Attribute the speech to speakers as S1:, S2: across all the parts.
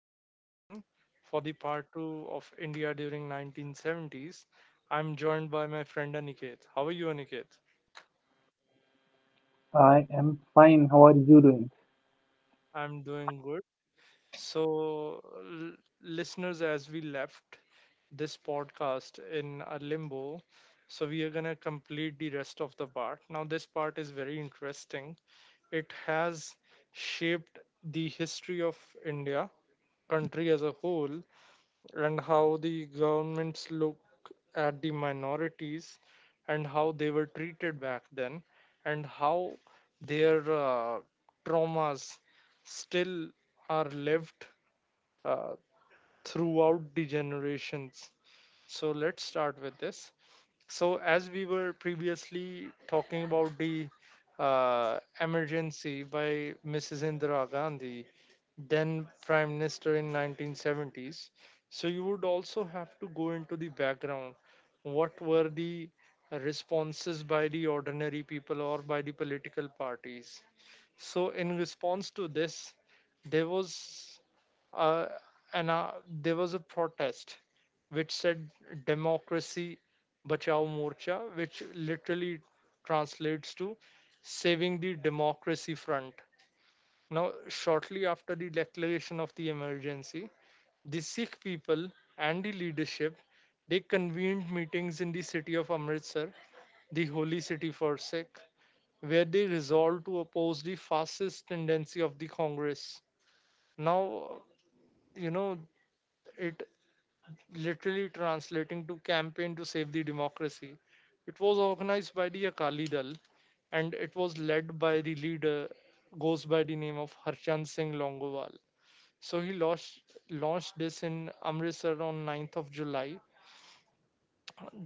S1: back again for the part two of India during 1970s. I'm joined by my friend Aniket. How are you, Aniket?
S2: I am fine. How are you doing?
S1: I'm doing good. So, listeners, as we left this podcast in a limbo, so we are gonna complete the rest of the part. Now, this part is very interesting. It has shaped the history of India, country as a whole, and how the governments look at the minorities and how they were treated back then, and how their traumas still are lived uh, throughout the generations, so let's start with this. So as we were previously talking about the emergency by Mrs. Indira Gandhi, then Prime Minister in 1970s. So you would also have to go into the background. What were the responses by the ordinary people or by the political parties? So in response to this, there was uh, an uh, there was a protest which said Democracy Bachao Morcha, which literally translates to Saving the Democracy Front. Now, shortly after the declaration of the emergency, the Sikh people and the leadership they convened meetings in the city of Amritsar, the holy city for Sikh, where they resolved to oppose the fascist tendency of the Congress. Now, you know, it literally translating to campaign to save the democracy. It was organized by the Akali Dal, and it was led by the leader goes by the name of Harchan Singh Longowal. So he launched this in Amritsar on 9th of July.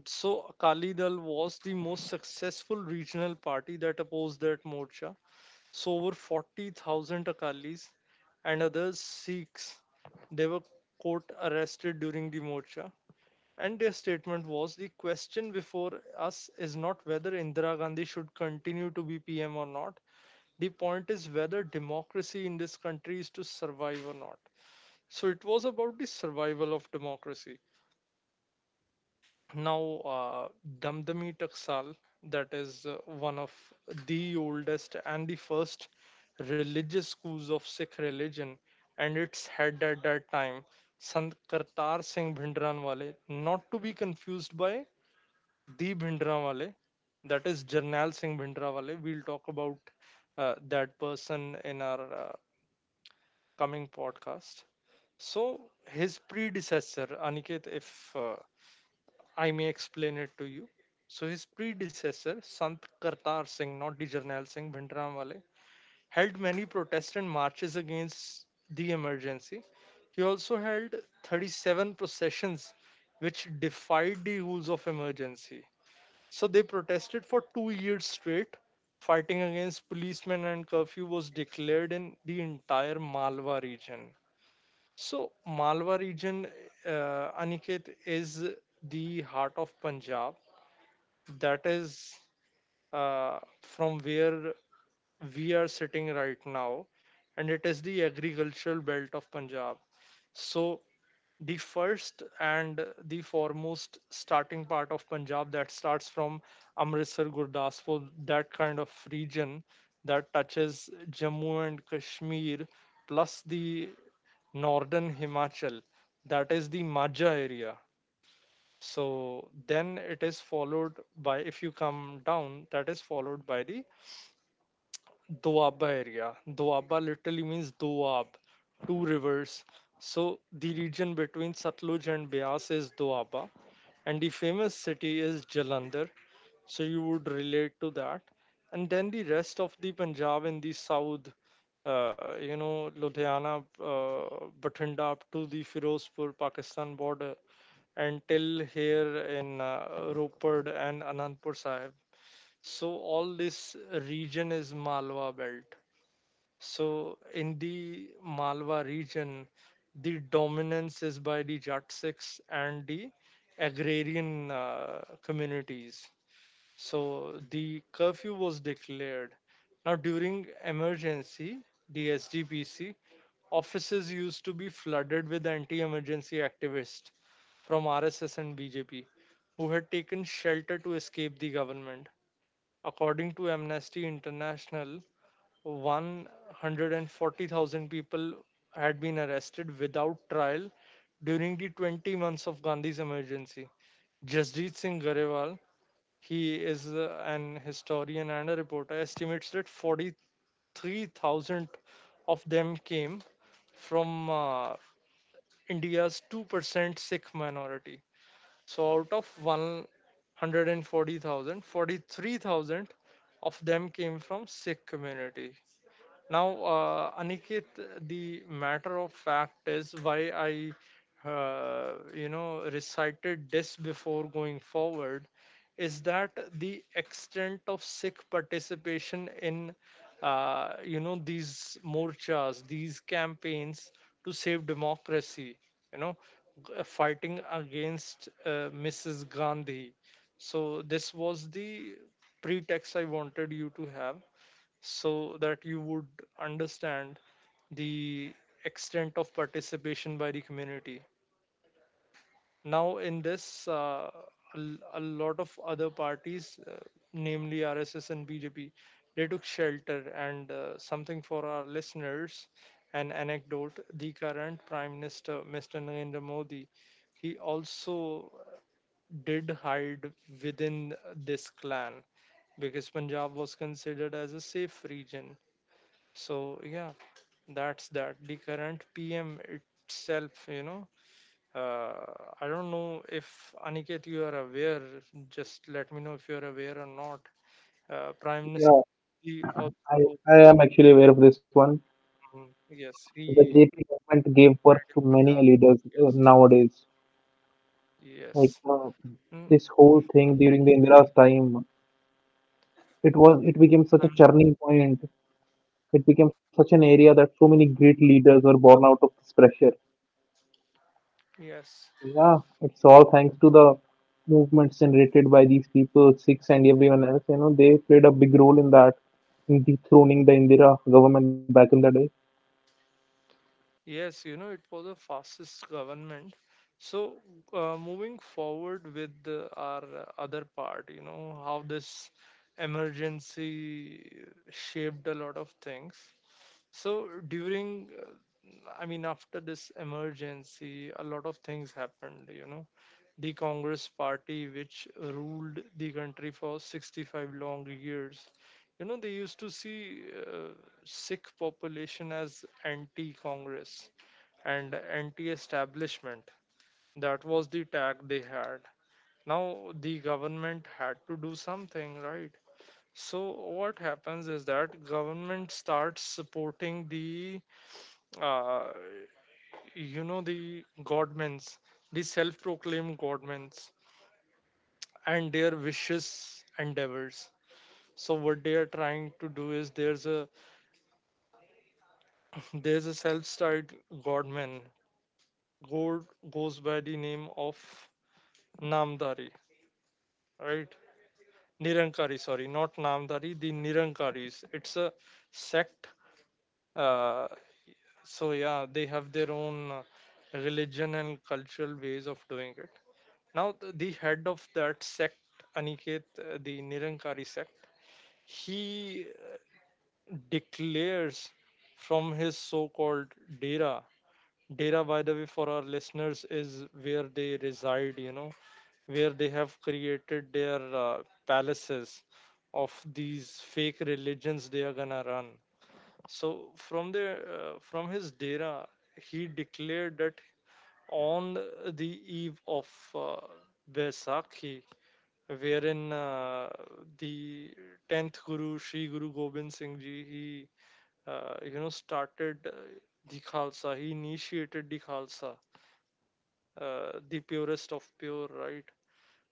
S1: So Akali Dal was the most successful regional party that opposed that Morcha. So over 40,000 Akalis and other Sikhs, they were caught arrested during the Morcha, and their statement was, the question before us is not whether Indira Gandhi should continue to be PM or not. The point is whether democracy in this country is to survive or not. So it was about the survival of democracy. Now, uh, Damdami Taksal, that is one of the oldest and the first religious schools of Sikh religion, and its head at that time, Sant Kartar Singh Bhindranwale, not to be confused by the Bhindranwale, that is Jarnail Singh Bhindranwale. We'll talk about that person in our coming podcast. So, his predecessor, Aniket, if I may explain it to you. So, his predecessor, Sant Kartar Singh, not the Jarnail Singh Bhindranwale, held many protests and marches against the emergency. He also held 37 processions which defied the rules of emergency, so they protested for 2 years straight. Fighting against policemen and curfew was declared in the entire Malwa region. So Malwa region, Aniket, is the heart of Punjab. That is from where we are sitting right now, and it is the agricultural belt of Punjab. So the first and the foremost starting part of Punjab that starts from Amritsar, Gurdaspur, that kind of region that touches Jammu and Kashmir, plus the northern Himachal, that is the Majha area. So then it is followed by, if you come down, that is followed by the Doaba area. Doaba literally means Doab, two rivers. So the region between Satluj and Bias is Doaba, and the famous city is Jalandhar. So you would relate to that. And then the rest of the Punjab in the south, Ludhiana, Bathinda up to the Firozpur Pakistan border, and till here in Rupad and Anandpur Sahib. So all this region is Malwa belt. So in the Malwa region, the dominance is by the Jat Sikhs and the agrarian communities. So the curfew was declared. Now during emergency, the SGPC offices used to be flooded with anti-emergency activists from RSS and BJP who had taken shelter to escape the government. According to Amnesty International, 140,000 people had been arrested without trial during the 20 months of Gandhi's emergency. Jasdeep Singh Garewal, he is an historian and a reporter, estimates that 43,000 of them came from India's 2% Sikh minority. So out of 140,000, 43,000 of them came from Sikh community. Now, Aniket, the matter of fact is, why I recited this before going forward is that the extent of Sikh participation in, these morchas, these campaigns to save democracy, you know, fighting against Mrs. Gandhi. So this was the pretext I wanted you to have so that you would understand the extent of participation by the community. Now, in this, a lot of other parties, namely RSS and BJP, they took shelter. And something for our listeners, an anecdote: the current Prime Minister, Mr. Narendra Modi, he also did hide within this clan because Punjab was considered as a safe region, so yeah, that's that. The current PM itself, uh, I don't know if Aniket you are aware. Just let me know if you are aware or not. Prime
S2: Yeah,
S1: Minister, he
S2: I,
S1: also,
S2: I am actually aware of this one.
S1: mm, yes,
S2: The
S1: he
S2: JP government gave birth
S1: died in
S2: to many
S1: Punjab.
S2: leaders
S1: Yes,
S2: nowadays. Like
S1: yes. Mm. Mhm.
S2: this whole thing during the Indira's time, it became such a
S1: And
S2: churning point. It became such an area that so many great leaders were born out of this pressure.
S1: yes.
S2: Yeah, it's all thanks to the movements generated by these people, Sikhs and everyone else. You know, they played a big role in that, in dethroning the Indira government back in the day.
S1: Yes, it was a fascist government. So, moving forward with our other part, how this emergency shaped a lot of things. So, during I mean, after this emergency, a lot of things happened. The Congress party, which ruled the country for 65 long years, they used to see sick population as anti Congress and anti establishment. That was the tag they had. Now, the government had to do something, right? So, what happens is that government starts supporting the uh, you know the godmens, the self-proclaimed godmens, and their vicious endeavors. So what they are trying to do is, there's a self-styled godman god goes by the name of namdari, right, nirankari, sorry, not namdari, the nirankaris. It's a sect. uh, so yeah, they have their own religion and cultural ways of doing it. Now, the head of that sect, Aniket, the Nirankari sect, he declares from his so called Dera. Dera, by the way, for our listeners, is where they reside, where they have created their palaces of these fake religions they are gonna run. So, from his Dera, he declared that on the eve of uh, Vaisakhi, wherein the 10th guru Sri Guru Gobind Singh Ji, he started the Khalsa, he initiated the Khalsa, the purest of pure, right.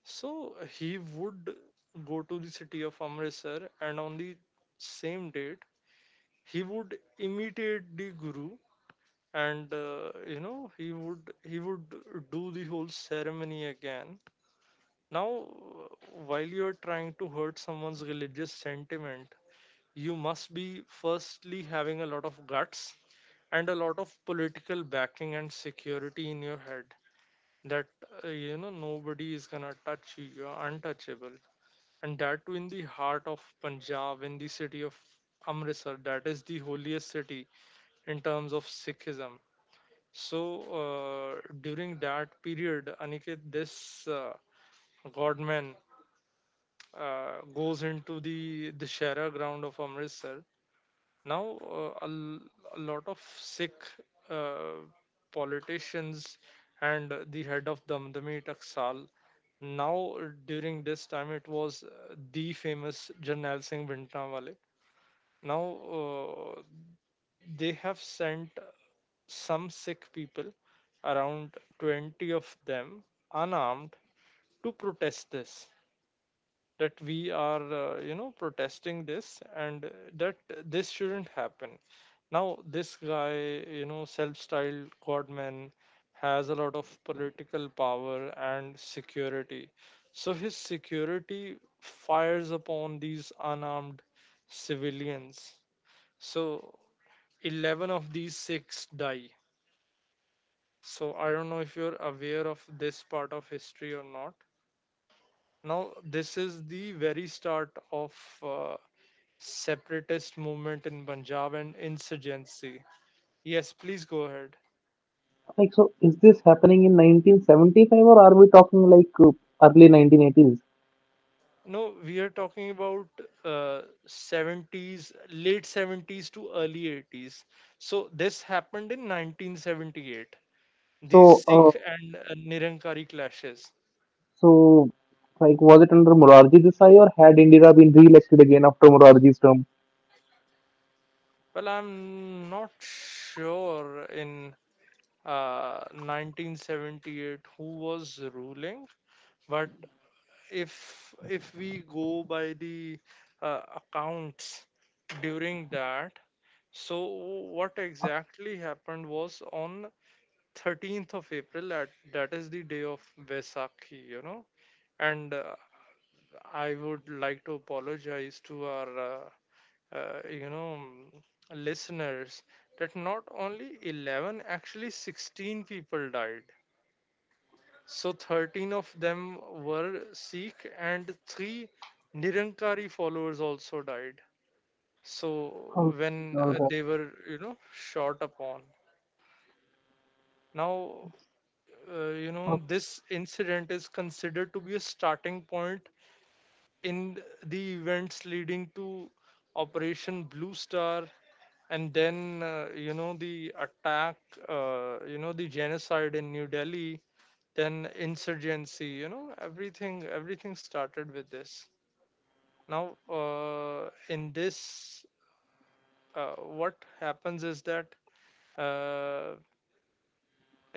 S1: So he would go to the city of Amritsar, and on the same date he would imitate the guru, and he would do the whole ceremony again. Now, while you're trying to hurt someone's religious sentiment, you must be firstly having a lot of guts and a lot of political backing and security in your head, that nobody is gonna touch you, you're untouchable, and that too in the heart of Punjab, in the city of Amritsar, that is the holiest city in terms of Sikhism. So, during that period, Aniket, this godman goes into the Dashera ground of Amritsar. Now, a lot of Sikh uh, politicians and the head of Damdami Taksal. Now, during this time, it was the famous Jarnail Singh Bhintranwale. Now, they have sent some Sikh people, around 20 of them, unarmed, to protest this, that we are protesting this, and that this shouldn't happen. Now, this guy, self-styled godman, has a lot of political power and security, so his security fires upon these unarmed civilians. So 11 of these 6 die. So I don't know if you're aware of this part of history or not. Now, this is the very start of uh, separatist movement in Punjab and insurgency. Yes, please go ahead.
S2: Like, so is this happening in 1975 or are we talking like early 1980s?
S1: No, we are talking about uh, 70s, late 70s to early 80s. So this happened in 1978. These
S2: So, uh,
S1: Sikh and Nirankari clashes.
S2: so like, was it under Morarji Desai or had Indira been re-elected again after Morarji's term?
S1: Well, I'm not sure in 1978 who was ruling, but if we go by the accounts during that. So what exactly happened was on 13th of April at that is the day of Vesakhi, and I would like to apologize to our uh, you know listeners, that not only 11, actually 16 people died. So 13 of them were Sikh, and three Nirankari followers also died. So
S2: Okay,
S1: when
S2: all right.
S1: they were, shot upon. Now,
S2: Okay.
S1: this incident is considered to be a starting point in the events leading to Operation Blue Star, and then the attack, the genocide in New Delhi, then insurgency. You know, everything started with this. Now, in this uh, what happens is that, uh,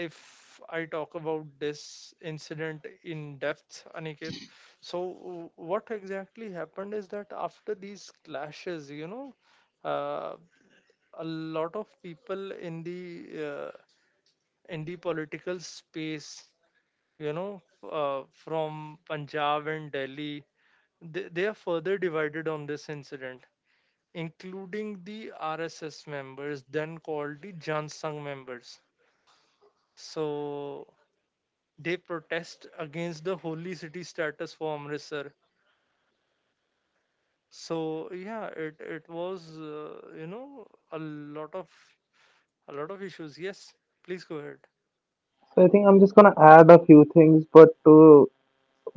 S1: if I talk about this incident in depth, Aniket, so what exactly happened is that after these clashes, you know, uh, a lot of people in the, uh, in the political space, you know, from Punjab and Delhi, they are further divided on this incident, including the RSS members, then called the Jan Sangh members. So they protest against the holy city status for Amritsar. So yeah, it was, a lot of a lot of issues. Yes, please go ahead.
S2: So I think I'm just gonna add a few things, but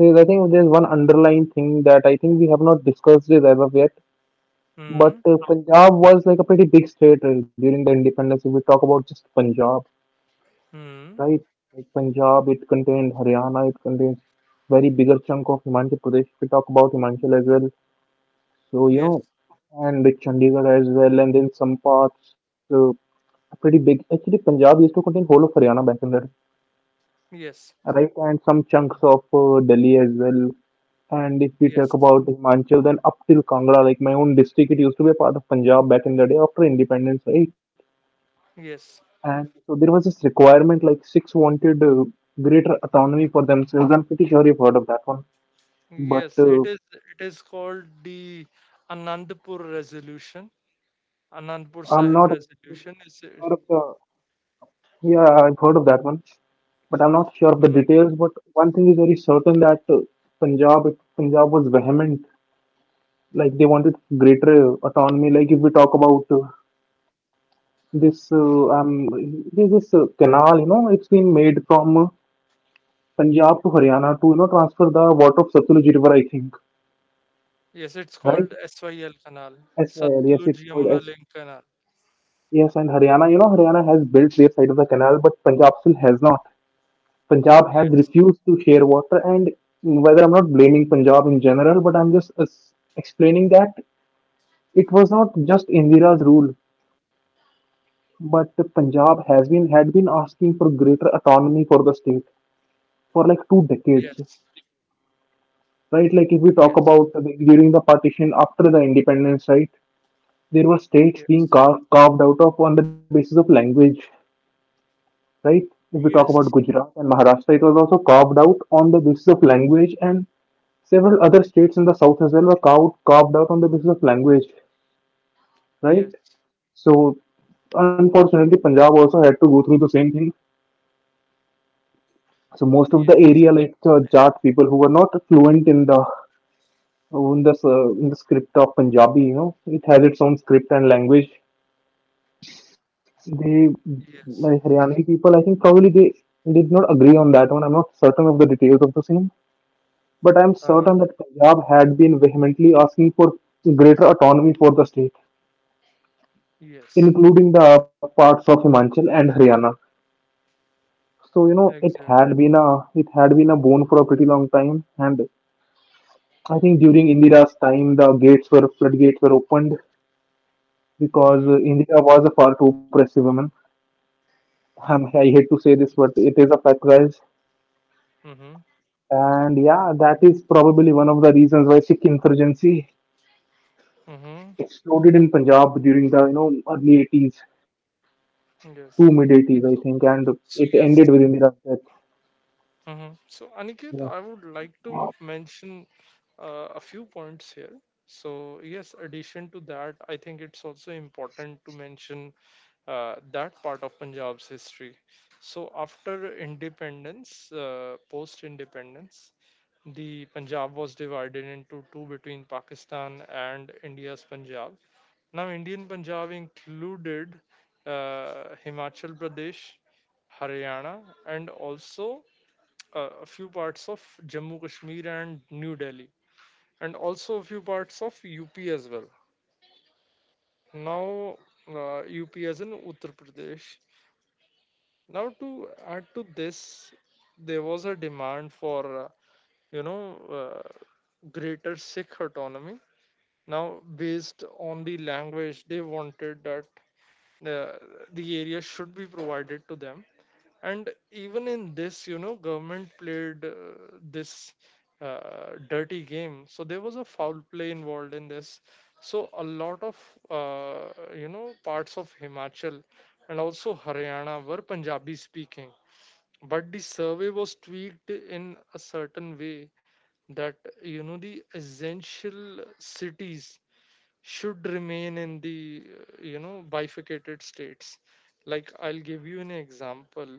S2: I think there's one underlying thing that I think we have not discussed it as of yet. But
S1: Hmm.
S2: Punjab was like a pretty big state during the independence. If we talk about just Punjab,
S1: Hmm.
S2: right, like Punjab, it contained Haryana, it contains very bigger chunk of Himachal Pradesh. We talk about Himachal as well, so you
S1: Yes.
S2: know, and like Chandigarh as well, and then some parts are pretty big. Actually, Punjab used to contain whole of Haryana back in there,
S1: Yes.
S2: right, and some chunks of Delhi as well. And if we talk
S1: Yes.
S2: about Himachal, then up till Kangra, like my own district, it used to be a part of Punjab back in the day after independence, right?
S1: Yes.
S2: And so there was this requirement like six wanted greater autonomy for themselves. I'm pretty sure you've heard of that one, but
S1: Yes, it is called the Anandpur Resolution. Anandpur
S2: I'm
S1: Sahib
S2: not exactly
S1: Resolution
S2: sure of
S1: is it,
S2: the. Yeah, I've heard of that one, but I'm not sure of the
S1: mhm.
S2: details. But one thing is very certain that Punjab, Punjab was vehement. Like they wanted greater autonomy. Like if we talk about this, this this canal, you know, it's been made from Punjab to Haryana to you know transfer the water of Satluj River, I think,
S1: Yes, it's
S2: right?
S1: called SYL Canal,
S2: As well, yes, it
S1: Satluj
S2: would.
S1: Yamuna
S2: As
S1: Link Canal.
S2: yes, and Haryana, you know, Haryana has built their side of the canal, but Punjab still has not. Punjab has
S1: Yes,
S2: refused to share water, and whether I'm not blaming Punjab in general, but I'm just explaining that it was not just Indira's rule, but Punjab has been had been asking for greater autonomy for the state for like two decades,
S1: yes,
S2: right? Like if we talk
S1: yes,
S2: about during the partition after the independence, right? There were states being
S1: yes,
S2: carved out of on the basis of language, right? If we talk about Gujarat and Maharashtra, it was also carved out on the basis of language, and several other states in the south as well were carved out on the basis of language,
S1: yes,
S2: right? So, unfortunately, Punjab also had to go through the same thing. So, most of
S1: yes,
S2: the
S1: yes,
S2: area, like the
S1: I-
S2: Jat people who were not fluent in the in the script of Punjabi, you know, it has its own script and language. They, like
S1: yes,
S2: Haryani people, I think probably they did not agree on that one. I'm not certain of the details of the same. But I am
S1: uh-huh.
S2: certain that Punjab had been vehemently asking for greater autonomy for the state,
S1: Yes,
S2: including the parts of Himachal and Haryana. So you know,
S1: exact.
S2: it had been a bone for a pretty long time, and I think during Indira's time, the gates were floodgates were opened because
S1: Mm-hmm.
S2: Indira was a far too oppressive woman. I hate to say this, but it is a fact, guys.
S1: Mm-hmm.
S2: And yeah, that is probably one of the reasons why Sikh insurgency
S1: Mm-hmm.
S2: exploded in Punjab during the you know early 80s. Two
S1: Yes.
S2: mid-80s, I think,
S1: So,
S2: and it
S1: so
S2: ended
S1: yes.
S2: with Indira's death.
S1: Mhm. So, Aniket,
S2: Yeah.
S1: I would like to mention a few points here. So, yes, addition to that, I think it's also important to mention that part of Punjab's history. So, after independence, post independence, the Punjab was divided into two between Pakistan and India's Punjab. Now, Indian Punjab included Himachal Pradesh, Haryana, and also a few parts of Jammu Kashmir and New Delhi, and also a few parts of UP as well. Now, UP as in Uttar Pradesh. Now, to add to this, there was a demand for, you know uh, greater Sikh autonomy. Now, based on the language, they wanted that, uh, the area should be provided to them, and even in this, you know, government played, this dirty game. So there was a foul play involved in this. So a lot of, parts of Himachal and also Haryana were Punjabi speaking, but the survey was tweaked in a certain way that, you know, the essential cities should remain in the, bifurcated states. Like, I'll give you an example.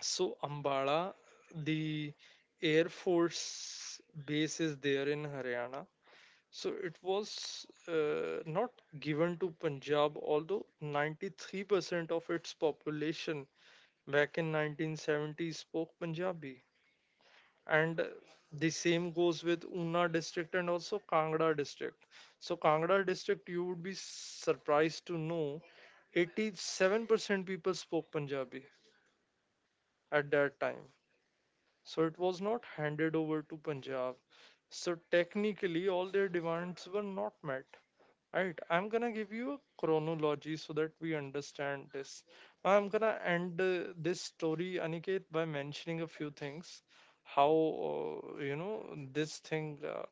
S1: So Ambala, the Air Force base is there in Haryana. So it was, not given to Punjab, although 93% of its population back in 1970 spoke Punjabi. And the same goes with Una district and also Kangra district. So Kangra district, you would be surprised to know 87% people spoke Punjabi at that time. So it was not handed over to Punjab. So technically, all their demands were not met. Right, I'm gonna give you a chronology so that we understand this. I'm gonna end this story, Aniket, by mentioning a few things. How this thing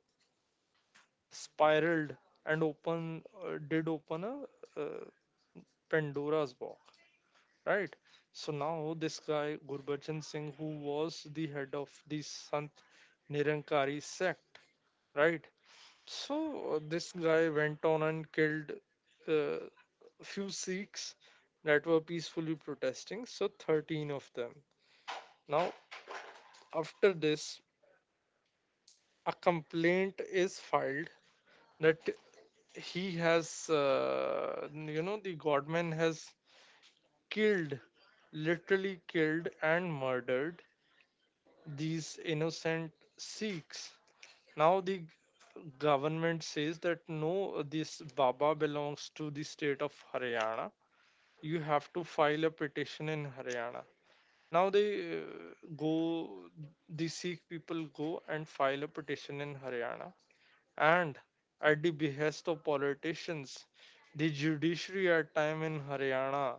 S1: spiraled and open, did open a, Pandora's box, right? So now this guy Gurbachan Singh, who was the head of the Sant Nirankari sect, right? So this guy went on and killed uh, few Sikhs that were peacefully protesting, so 13 of them. Now, after this, a complaint is filed that he has, the godman has killed, literally killed and murdered these innocent Sikhs. Now the government says that no, this Baba belongs to the state of Haryana. You have to file a petition in Haryana. Now they go, the Sikh people go and file a petition in Haryana. And at the behest of politicians, the judiciary at time in Haryana,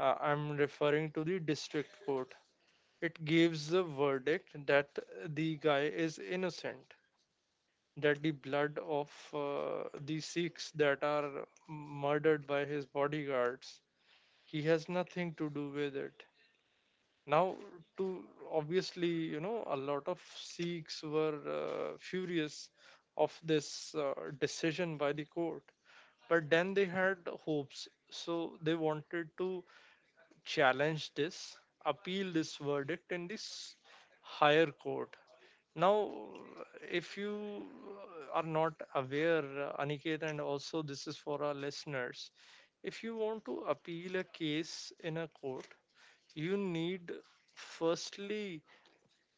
S1: I'm referring to the district court, it gives a verdict that the guy is innocent, that the blood of, the Sikhs that are murdered by his bodyguards, he has nothing to do with it. Now, to obviously, you know, a lot of Sikhs were furious of this decision by the court, but then they had hopes, so they wanted to challenge this, appeal this verdict in this higher court. Now, if you are not aware, Aniket, and also this is for our listeners, if you want to appeal a case in a court, you need firstly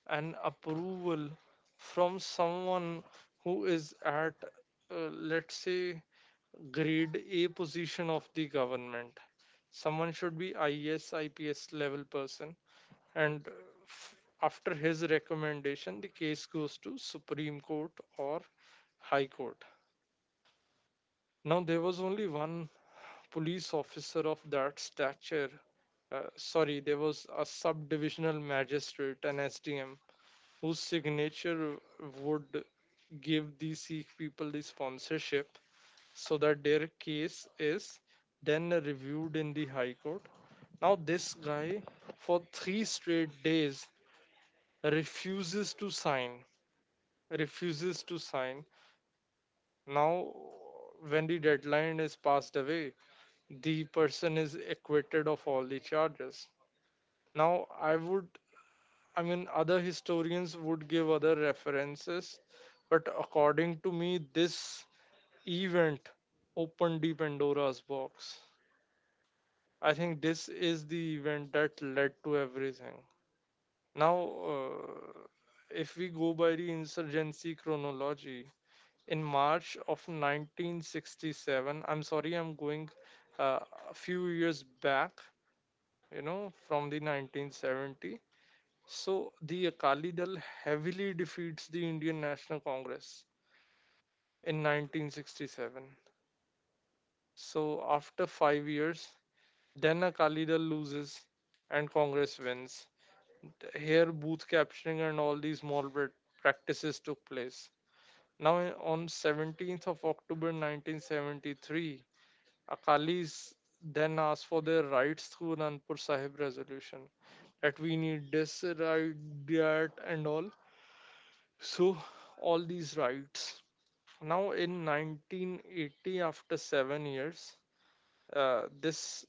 S1: an approval from someone who is at, let's say, grade A position of the government. Someone should be IS, IPS level person, and f- after his recommendation the case goes to Supreme Court or High Court. Now there was only one police officer of that stature, sorry, there was a subdivisional magistrate, an SDM, whose signature would give the Sikh people the sponsorship so that their case is then reviewed in the High Court. Now this guy for 3 straight days refuses to sign, refuses to sign. Now, when the deadline is passed away, the person is acquitted of all the charges. Now, I would, I mean, other historians would give other references, but according to me, this event opened the Pandora's box. I think this is the event that led to everything. Now, if we go by the insurgency chronology, in March of 1967. I'm sorry, I'm going uh, a few years back, you know, from the 1970. So the Akali Dal heavily defeats the Indian National Congress in 1967. So after 5 years, then Akali Dal loses and Congress wins. Here, booth capturing and all these moral practices took place. Now, on 17th of October 1973, Akalis then asked for their rights through Anandpur Sahib resolution, that we need this right, that, and all. So, all these rights. Now, in 1980, after 7 years, this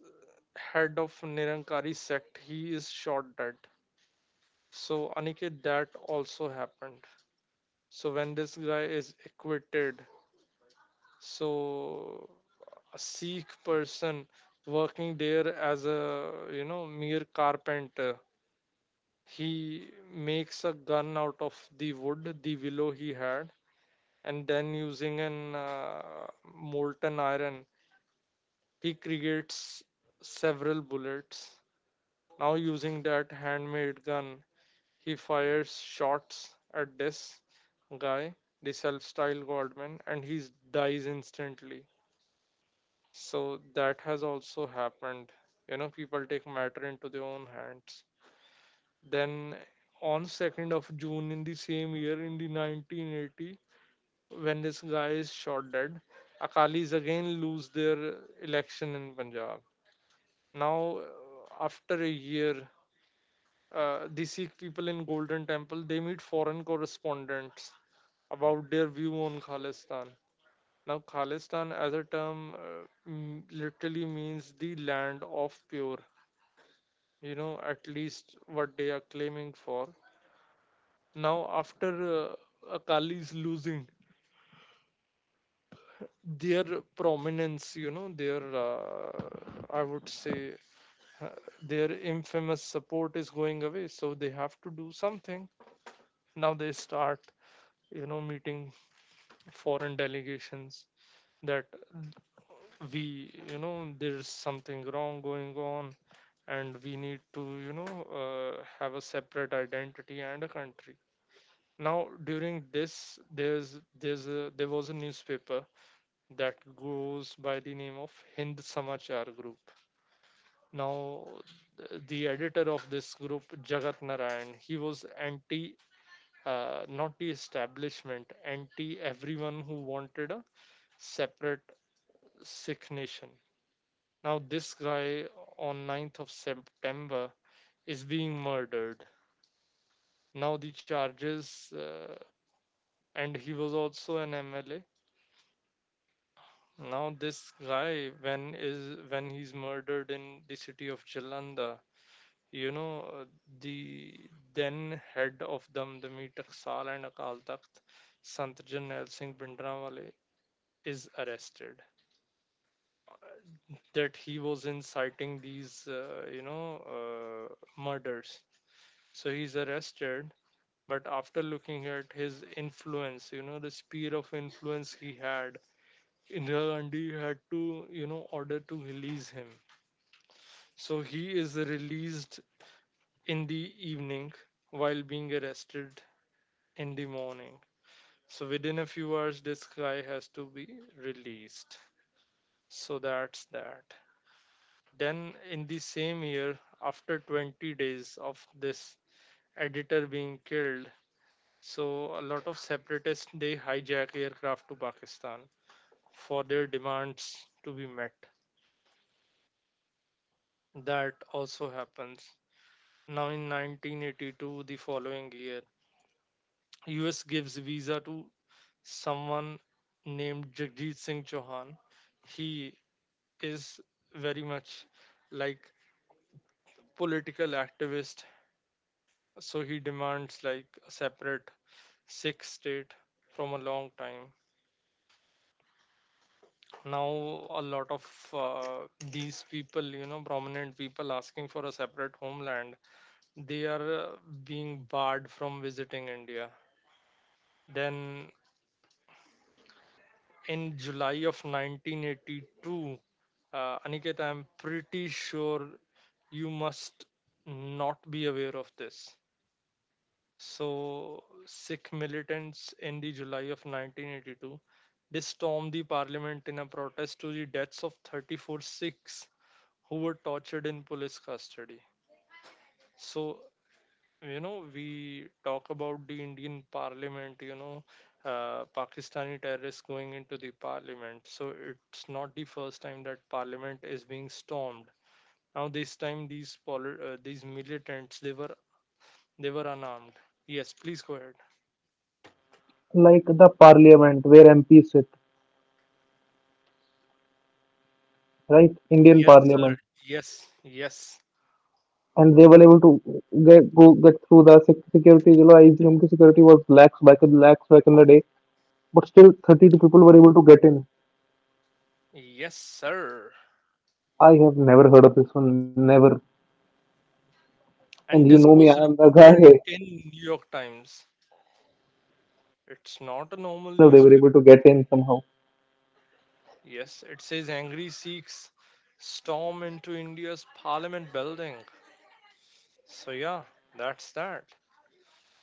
S1: head of Nirankari sect, he is shot dead. So, Aniket, that also happened. So, when this guy is acquitted, so a Sikh person working there as a, you know, mere carpenter. He makes a gun out of the wood, the willow he had, and then using an, molten iron, he creates several bullets. Now using that handmade gun, he fires shots at this guy, the self-styled Godman, and he dies instantly. So that has also happened. You know, people take matter into their own hands. Then on 2nd of June in the same year, in the 1980, when this guy is shot dead, Akalis again lose their election in Punjab. Now, after a year, the Sikh people in Golden Temple, they meet foreign correspondents about their view on Khalistan. Now, Khalistan as a term, literally means the land of pure, you know, at least what they are claiming for. Now after Akali's losing their prominence, you know, their, I would say, uh, their infamous support is going away, so they have to do something. Now they start, you know, meeting foreign delegations that we, you know, there's something wrong going on, and we need to, you know, have a separate identity and a country. Now during this, there was a newspaper that goes by the name of Hind Samachar group. Now the editor of this group, Jagat Narayan, he was anti, not the establishment, anti everyone who wanted a separate Sikh nation. Now this guy on 9th of September is being murdered. Now the charges, uh, and he was also an MLA. Now this guy, when he's murdered in the city of Jalandhar, you know, uh, the then head of Damdami Taksal and Akal Takht, Sant Jarnal Singh Bhindranwale, is arrested. That he was inciting these, murders. So he's arrested. But after looking at his influence, you know, the sphere of influence he had, Indira Gandhi had to, you know, order to release him. So he is released in the evening while being arrested in the morning. So within a few hours, this guy has to be released. So that's that. Then, in the same year, after 20 days of this editor being killed, so a lot of separatists they hijack aircraft to Pakistan for their demands to be met. That also happens. Now, in 1982, the following year, US gives visa to someone named Jagdeep Singh Chauhan. He is very much like political activist, so he demands like a separate Sikh state from a long time. Now a lot of, uh, these people, you know, prominent people asking for a separate homeland, they are, being barred from visiting India. Then in July of 1982, Aniket, I'm pretty sure you must not be aware of this. So, Sikh militants in the July of 1982, they stormed the parliament in a protest to the deaths of 34 Sikhs who were tortured in police custody. So, you know, we talk about the Indian parliament, you know, Pakistani terrorists going into the parliament. So, it's not the first time that parliament is being stormed. Now this time these these militants, they were, they were unarmed. Yes, please go ahead.
S2: Like the parliament where MPs sit, right? Indian
S1: Yes, sir.
S2: parliament.
S1: Yes, yes,
S2: And they were able to get through the sec- security. You know, I assume the security was lax back in the day, but still 32 people were able to get in.
S1: yes, sir.
S2: I have never heard of this one, never. And you
S1: And
S2: know
S1: this
S2: me, I
S1: was
S2: am the
S1: reported
S2: guy.
S1: in New York Times. It's not a normal
S2: So they were able
S1: newspaper.
S2: to get in somehow.
S1: Yes, it says angry Sikhs storm into India's parliament building. So yeah, that's that.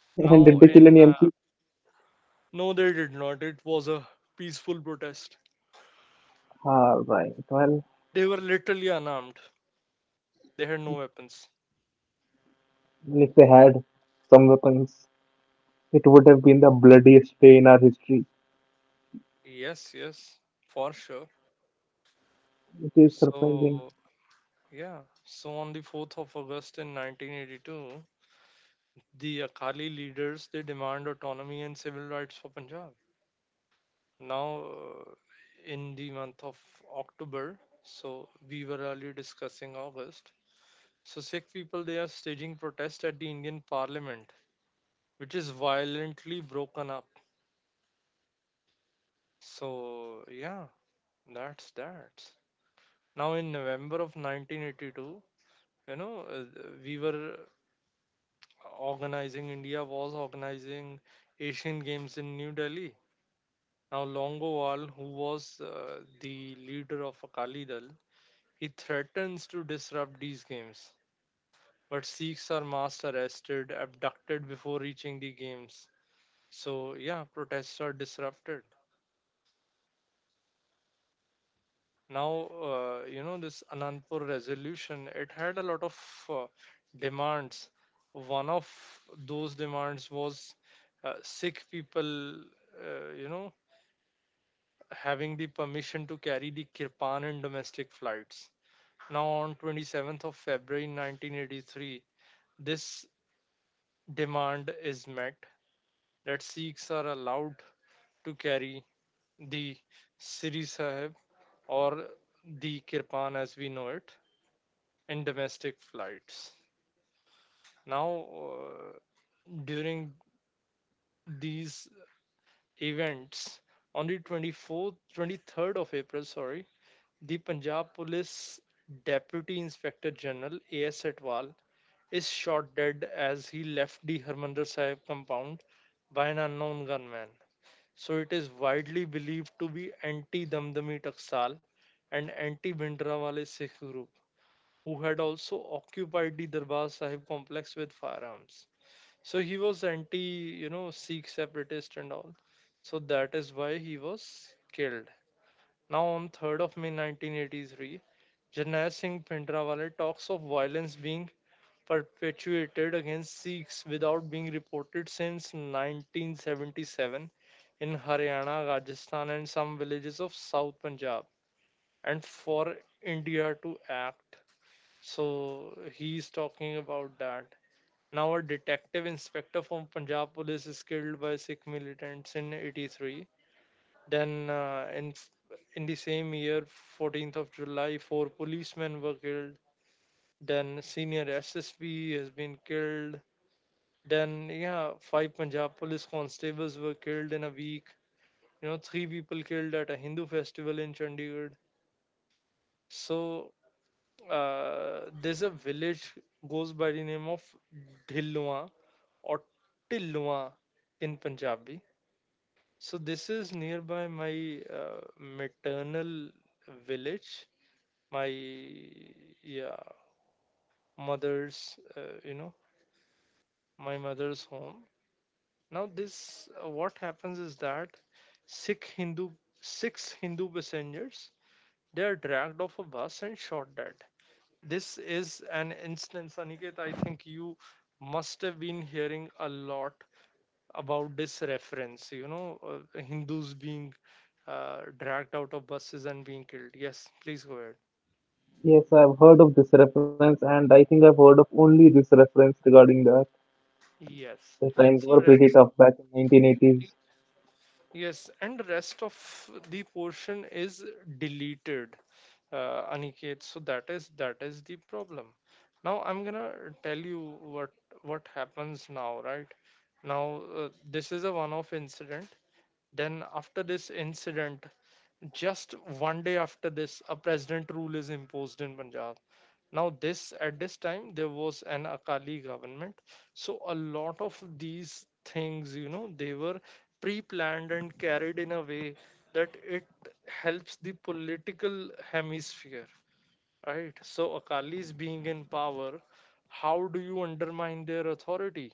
S2: And did
S1: Now
S2: they kill
S1: in
S2: any MP?
S1: no they did not. It was a peaceful protest.
S2: Ah, right. Well,
S1: They were literally unarmed. They had no weapons.
S2: if they had some weapons, it would have been the bloodiest day in our history.
S1: Yes, yes, for sure.
S2: It is
S1: So,
S2: surprising.
S1: yeah, so on the 4th of August in 1982, the Akali leaders they demand autonomy and civil rights for Punjab. Now, in the month of October, so we were earlier discussing August. So Sikh people they are staging protest at the Indian Parliament, which is violently broken up. So yeah, that's that. Now in November of 1982, you know, uh, we were organizing, India was organizing Asian Games in New Delhi. Now Longowal, who was the leader of Akali Dal, he threatens to disrupt these games. But Sikhs are mass arrested, abducted before reaching the games. So yeah, protests are disrupted. Now you know this Anandpur resolution, it had a lot of uh, demands. One of those demands was Sikh people, uh, you know, having the permission to carry the kirpan in domestic flights. Now, on 27th of February 1983, this demand is met, that Sikhs are allowed to carry the Siri Sahib or the kirpan as we know it in domestic flights. Now, during these events, on the 24th, 23rd of April, sorry, the Punjab Police Deputy Inspector General A.S. Atwal is shot dead as he left the Harmandir Sahib compound by an unknown gunman. So it is widely believed to be anti-Damdami Taksal and anti-Bhindranwale Sikh group who had also occupied the Darbar Sahib complex with firearms. So he was anti, you know, Sikh separatist and all. So that is why he was killed. Now, on 3rd of May 1983, Janai Singh Pendrawale talks of violence being perpetuated against Sikhs without being reported since 1977 in Haryana, Rajasthan, and some villages of South Punjab, and for India to act. So he's talking about that. Now, a detective inspector from Punjab police is killed by Sikh militants in 83, then, in the same year, 14th of July, four policemen were killed. Then, senior SSP has been killed. Then, yeah, five Punjab police constables were killed in a week. You know, three people killed at a Hindu festival in Chandigarh. So, there's a village goes by the name of Dhilwa or Tilwa in Punjabi. So this is nearby my maternal village, my yeah, mother's my mother's home. Now this, what happens is that six hindu six Hindu passengers, they are dragged off a bus and shot dead. This is an instance, Aniket. I think you must have been hearing a lot about this reference, you know, Hindus being dragged out of buses and being killed. Yes, please go ahead.
S2: Yes, I've heard of this reference, and I think I've heard of only this reference regarding that.
S1: Yes.
S2: The times
S1: so
S2: were pretty
S1: rest
S2: tough back in 1980s.
S1: Yes, and the rest of the portion is deleted, Aniket. So that is the problem. Now I'm gonna tell you what happens now, right? Now this is a one-off incident. Then after this incident, just 1 day after this, a president rule is imposed in Punjab. Now this, at this time there was an Akali government, so a lot of these things, you know, they were pre-planned and carried in a way that it helps the political hemisphere, right? So Akalis being in power, how do you undermine their authority?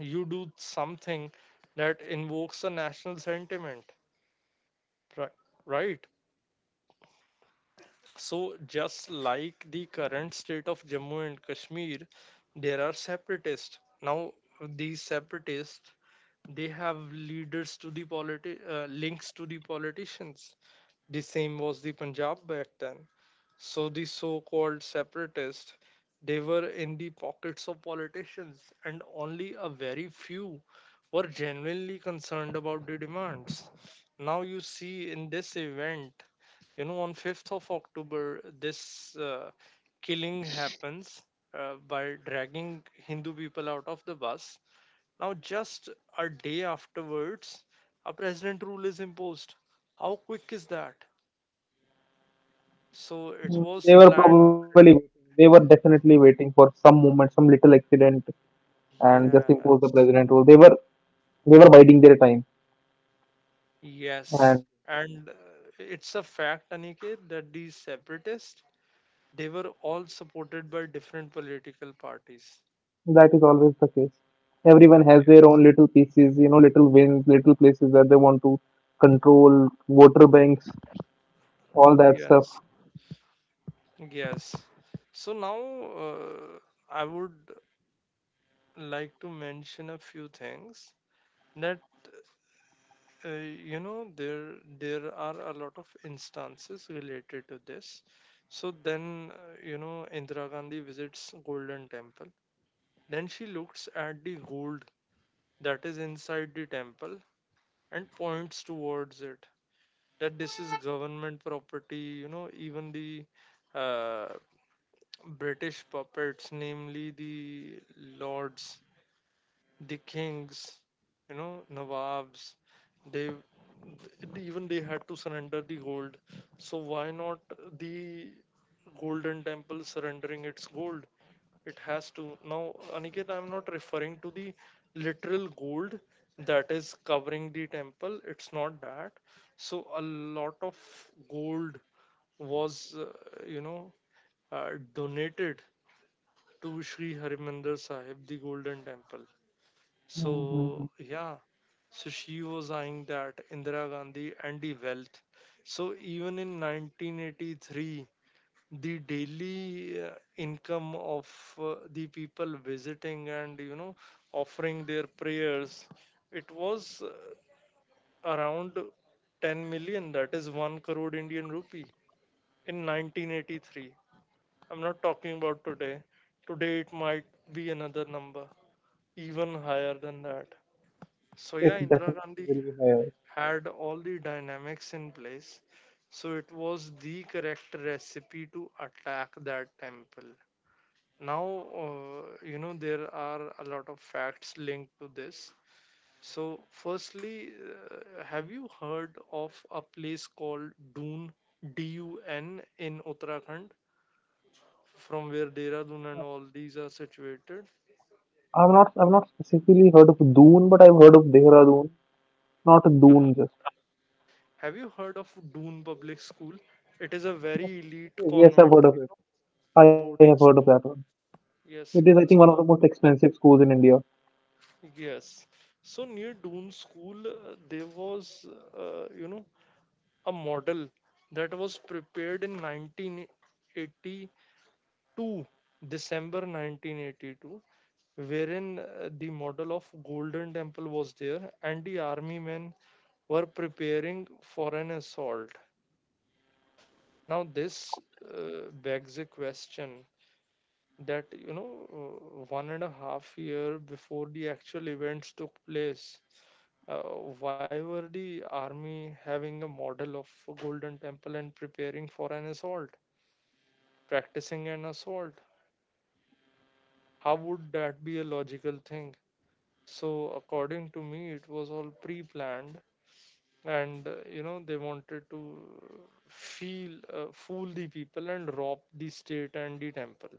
S1: You do something that invokes a national sentiment, ri- right? So, just like the current state of Jammu and Kashmir, there are separatists. Now, these separatists, they have leaders to the links to the politicians. The same was the Punjab back then. So the so-called separatists, they were in the pockets of politicians, and only a very few were genuinely concerned about the demands. Now you see in this event, you know, on 5th of October, this killing happens by dragging Hindu people out of the bus. Now, just a day afterwards, a president rule is imposed. How quick is that? So it
S2: Mm.
S1: was
S2: They were probably
S1: planned.
S2: waiting. They were definitely waiting for some moment, some little accident, and just impose the
S1: Yes.
S2: president rule. They were biding their time,
S1: Yes.
S2: and
S1: And it's a fact, Aniket, that these separatists, they were all supported by different political parties.
S2: that is always the case. Everyone has their own little pieces, you know, little wins, little places that they want to control, voter banks, all that stuff.
S1: Yes. Yes. So now I would like to mention a few things that, you know, there are a lot of instances related to this. So then you know, Indira Gandhi visits Golden Temple. Then she looks at the gold that is inside the temple and points towards it, that this is government property. You know, even the uh, British puppets, namely the lords, the kings, you know, Nawabs, they, even they had to surrender the gold. So why not the Golden Temple surrendering its gold? It has to. Now, Aniket, I'm not referring to the literal gold that is covering the temple. It's not that. So, a lot of gold was, you know, donated to Sri Harimandir Sahib, the Golden Temple. So,
S2: Mhm.
S1: yeah. So she was eyeing that, Indira Gandhi, and the wealth. So even in 1983, the daily income of the people visiting and, you know, offering their prayers, it was around 10 million, that is 1 crore Indian rupee in 1983. I'm not talking about today. Today it might be another number, even higher than that. So
S2: It
S1: yeah, Indira
S2: definitely
S1: Gandhi
S2: will be higher.
S1: had all the dynamics in place, so it was the correct recipe to attack that temple. Now you know, there are a lot of facts linked to this. So firstly, have you heard of a place called Dun? Dun in Uttarakhand, from where Dehradun and all these are situated.
S2: I've not specifically heard of Doon, but I've heard of Dehradun. Not
S1: Uh-huh.
S2: Doon just.
S1: Have you heard of Dun Public School? It is a very elite
S2: Okay, yes, I've
S1: convent
S2: heard of it. I have heard of
S1: boarding
S2: that one.
S1: school.
S2: It is I
S1: Yes.
S2: think one of the most
S1: So
S2: expensive schools in India.
S1: yes, so near Dun School, there was uh, you know a model that was prepared in 1982, December 1982, wherein the model of Golden Temple was there and the army men were preparing for an assault. Now, this begs a question that, you know, 1.5 year before the actual events took place, uh, why were the army having a model of Golden Temple and preparing for an assault, practicing an assault? How would that be a logical thing? So, according to me, it was all pre planned, and you know, they wanted to feel fool the people and rob the state and the temple.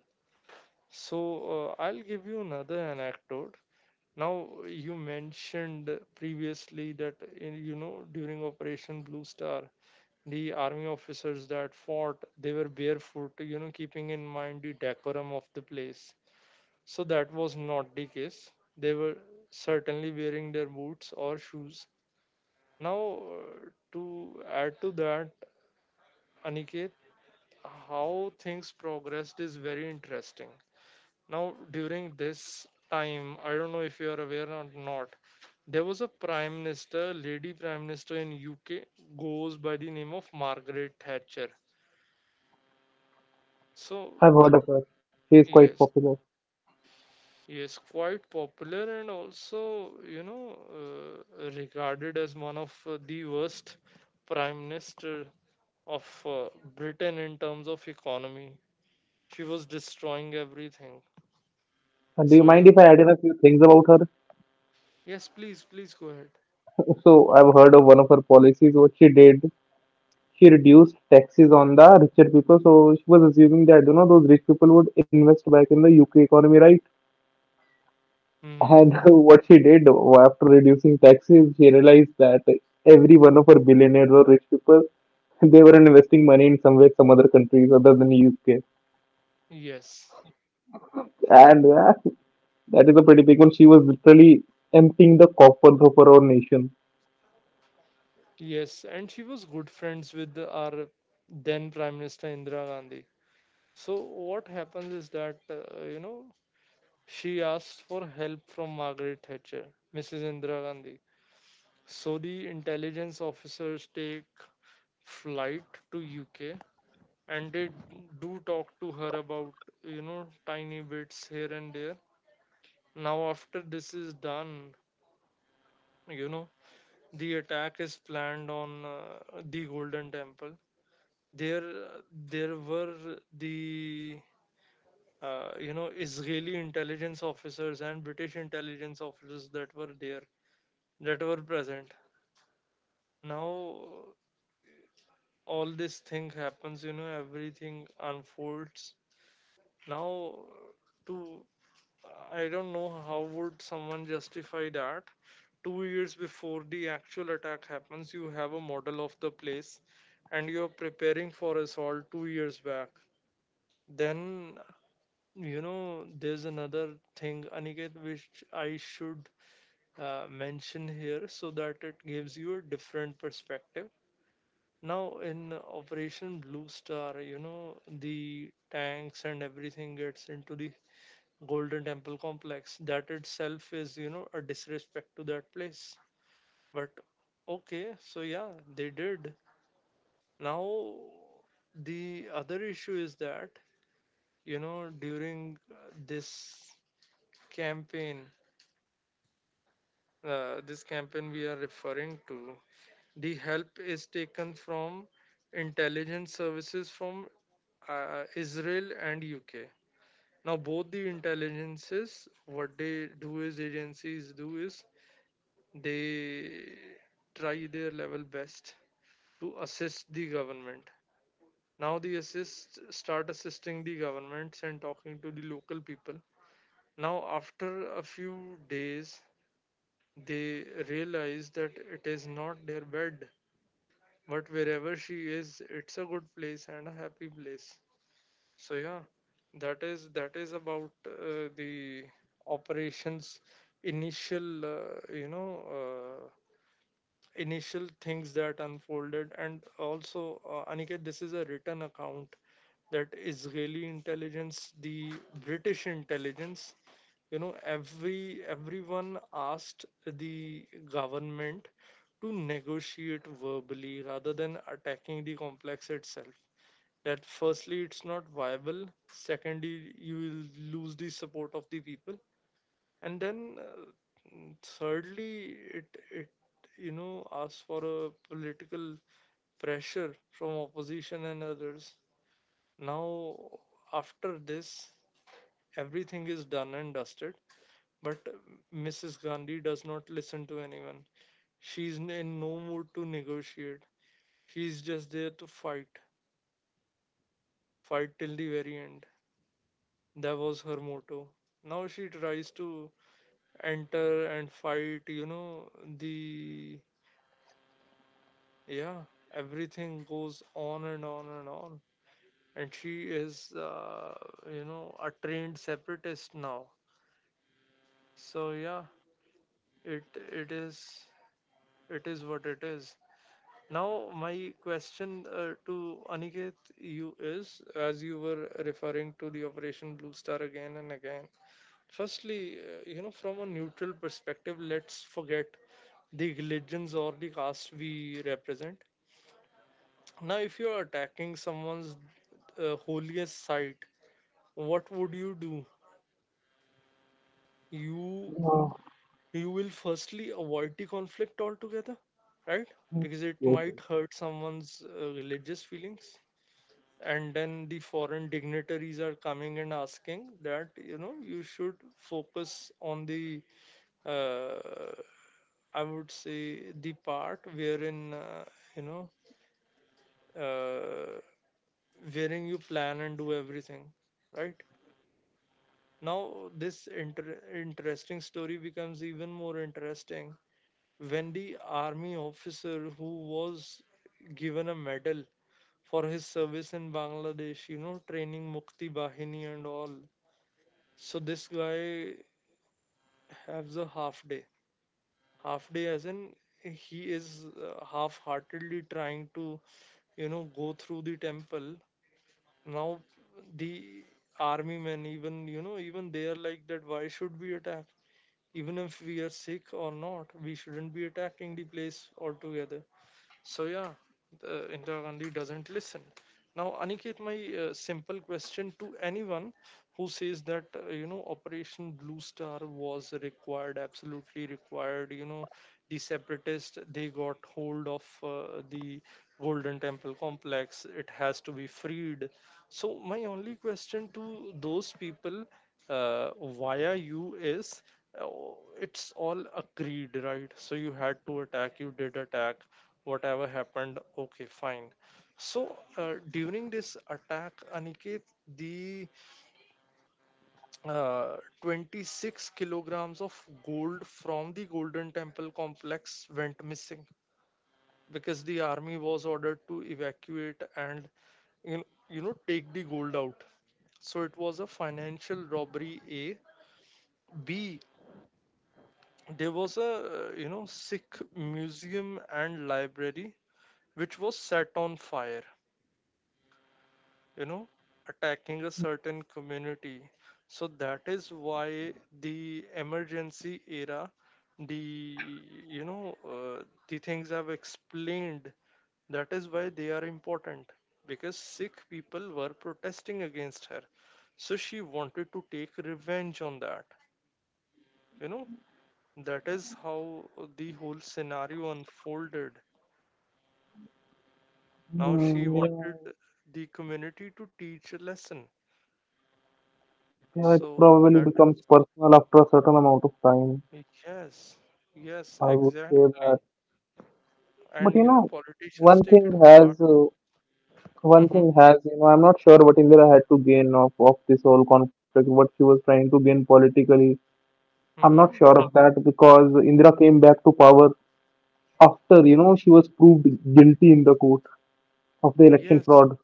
S1: So, I'll give you another anecdote. Now, you mentioned previously that in, you know, during Operation Blue Star, the army officers that fought, they were barefoot, you know, keeping in mind the decorum of the place. So that was not the case. They were certainly wearing their boots or shoes. Now, to add to that, Aniket, how things progressed is very interesting. Now, during this time, I don't know if you are aware or not, there was a prime minister, lady prime minister in UK, goes by the name of Margaret Thatcher. So,
S2: I've heard of her. She is quite
S1: yes.
S2: popular.
S1: Yes, quite popular and also, you know, regarded as one of the worst prime minister of Britain in terms of economy. She was destroying everything.
S2: And do you
S1: So
S2: mind
S1: yeah.
S2: if I add in a few things about her?
S1: Yes, please, please go ahead.
S2: So I've heard of one of her policies, what she did. She reduced taxes on the richer people. So she was assuming that, you know, those rich people would invest back in the UK economy, right?
S1: Hmm.
S2: And what she did after reducing taxes, she realized that every one of her billionaires or rich people, they were investing money in somewhere, some other countries other than UK.
S1: Yes.
S2: And that is a pretty big one. She was literally emptying the coffers of her own nation.
S1: Yes, and she was good friends with our then Prime Minister Indira Gandhi. So what happens is that, you know, she asked for help from Margaret Thatcher, Mrs. Indira Gandhi. So the intelligence officers take flight to UK and they do talk to her about, you know, tiny bits here and there. Now, after this is done, you know, the attack is planned on the Golden Temple. There, there were the you know, Israeli intelligence officers and British intelligence officers that were there, that were present. Now all this thing happens, you know, everything unfolds. Now, to I don't know how would someone justify that. 2 years before the actual attack happens, you have a model of the place, and you're preparing for assault 2 years back. Then, you know, there's another thing, Aniket, which I should mention here so that it gives you a different perspective. Now in Operation Blue Star, you know, the tanks and everything gets into the Golden Temple complex. That itself is, you know, a disrespect to that place. But okay, so yeah, they did. Now the other issue is that, you know, during this campaign, this campaign we are referring to, the help is taken from intelligence services from Israel and UK. Now, both the intelligences, what they do is agencies do is they try their level best to assist the government. Now they assist start assisting the governments and talking to the local people. Now after a few days they realize that it is not their bed. But wherever she is, it's a good place and a happy place. So yeah, that is about the operations, initial, uh, initial things that unfolded. And also, Aniket, this is a written account that Israeli intelligence, the British intelligence, you know, everyone asked the government to negotiate verbally rather than attacking the complex itself. That firstly, it's not viable. Secondly, you will lose the support of the people and thirdly, it asks for a political pressure from opposition and others. Now, after this, everything is done and dusted but mrs Gandhi does not listen to anyone. She's in no mood to negotiate. She's just there to fight, till the very end. That was her motto. Now she tries to enter and fight, the, yeah, everything goes on and on and on. And she is a trained separatist now. So yeah, it it is it is what it is. Now my question, to Aniket, you, is as you were referring to the Operation Blue Star again and again. Firstly, from a neutral perspective, let's forget the religions or the caste we represent. Now if you're attacking someone's holiest site, what would you do? You
S2: Oh,
S1: you will firstly avoid the conflict altogether, right?
S2: yes.
S1: Because it
S2: Yes.
S1: might hurt someone's religious feelings. And then the foreign dignitaries are coming and asking that you should focus on the uh, I would say the part wherein you know uh, wherein you plan and do everything, right? Now, this interesting story becomes even more interesting when the army officer who was given a medal for his service in Bangladesh, you know, training Mukti Bahini and all. So this guy has a half day. Half day as in he is half-heartedly trying to, you know, go through the temple. Now the army men even, you know, even they are like that, why should we attack? Even if we are sick or not, we shouldn't be attacking the place altogether. So yeah, Indira Gandhi doesn't listen. Now, Aniket, my simple question to anyone who says that Operation Blue Star was required, absolutely required. You know, the separatists, they got hold of the Golden Temple complex. It has to be freed. So my only question to those people via you is, uh, it's all agreed, right? So you had to attack, you did attack, whatever happened, okay, fine. So during this attack, Aniket, the uh, 26 kilograms of gold from the Golden Temple complex went missing because the army was ordered to evacuate and you know, take the gold out. So it was a financial robbery. A, b, there was a Sikh museum and library which was set on fire, you know, attacking a certain community. So that is why the emergency era, the, you know uh, the things I've explained, that is why they are important, because Sikh people were protesting against her. So she wanted to take revenge on that. You know, that is how the whole scenario unfolded. Now she
S2: Mm, yeah.
S1: wanted the community to teach a lesson.
S2: Yeah, it
S1: So
S2: probably
S1: that
S2: becomes
S1: is,
S2: personal after a certain amount of time.
S1: yes, yes,
S2: I would say
S1: exactly.
S2: that. But
S1: And
S2: you
S1: you know,
S2: know,
S1: politicians
S2: one
S1: take it
S2: thing
S1: to heart.
S2: has uh, one
S1: Mm-hmm,
S2: thing has, you know, I'm not sure what Indira had to gain of this whole conflict, what she was trying to gain politically. I'm not
S1: mm-hmm.
S2: sure of that because Indira came back to power after, you know, she was proved guilty in the court of the election
S1: Yes,
S2: fraud.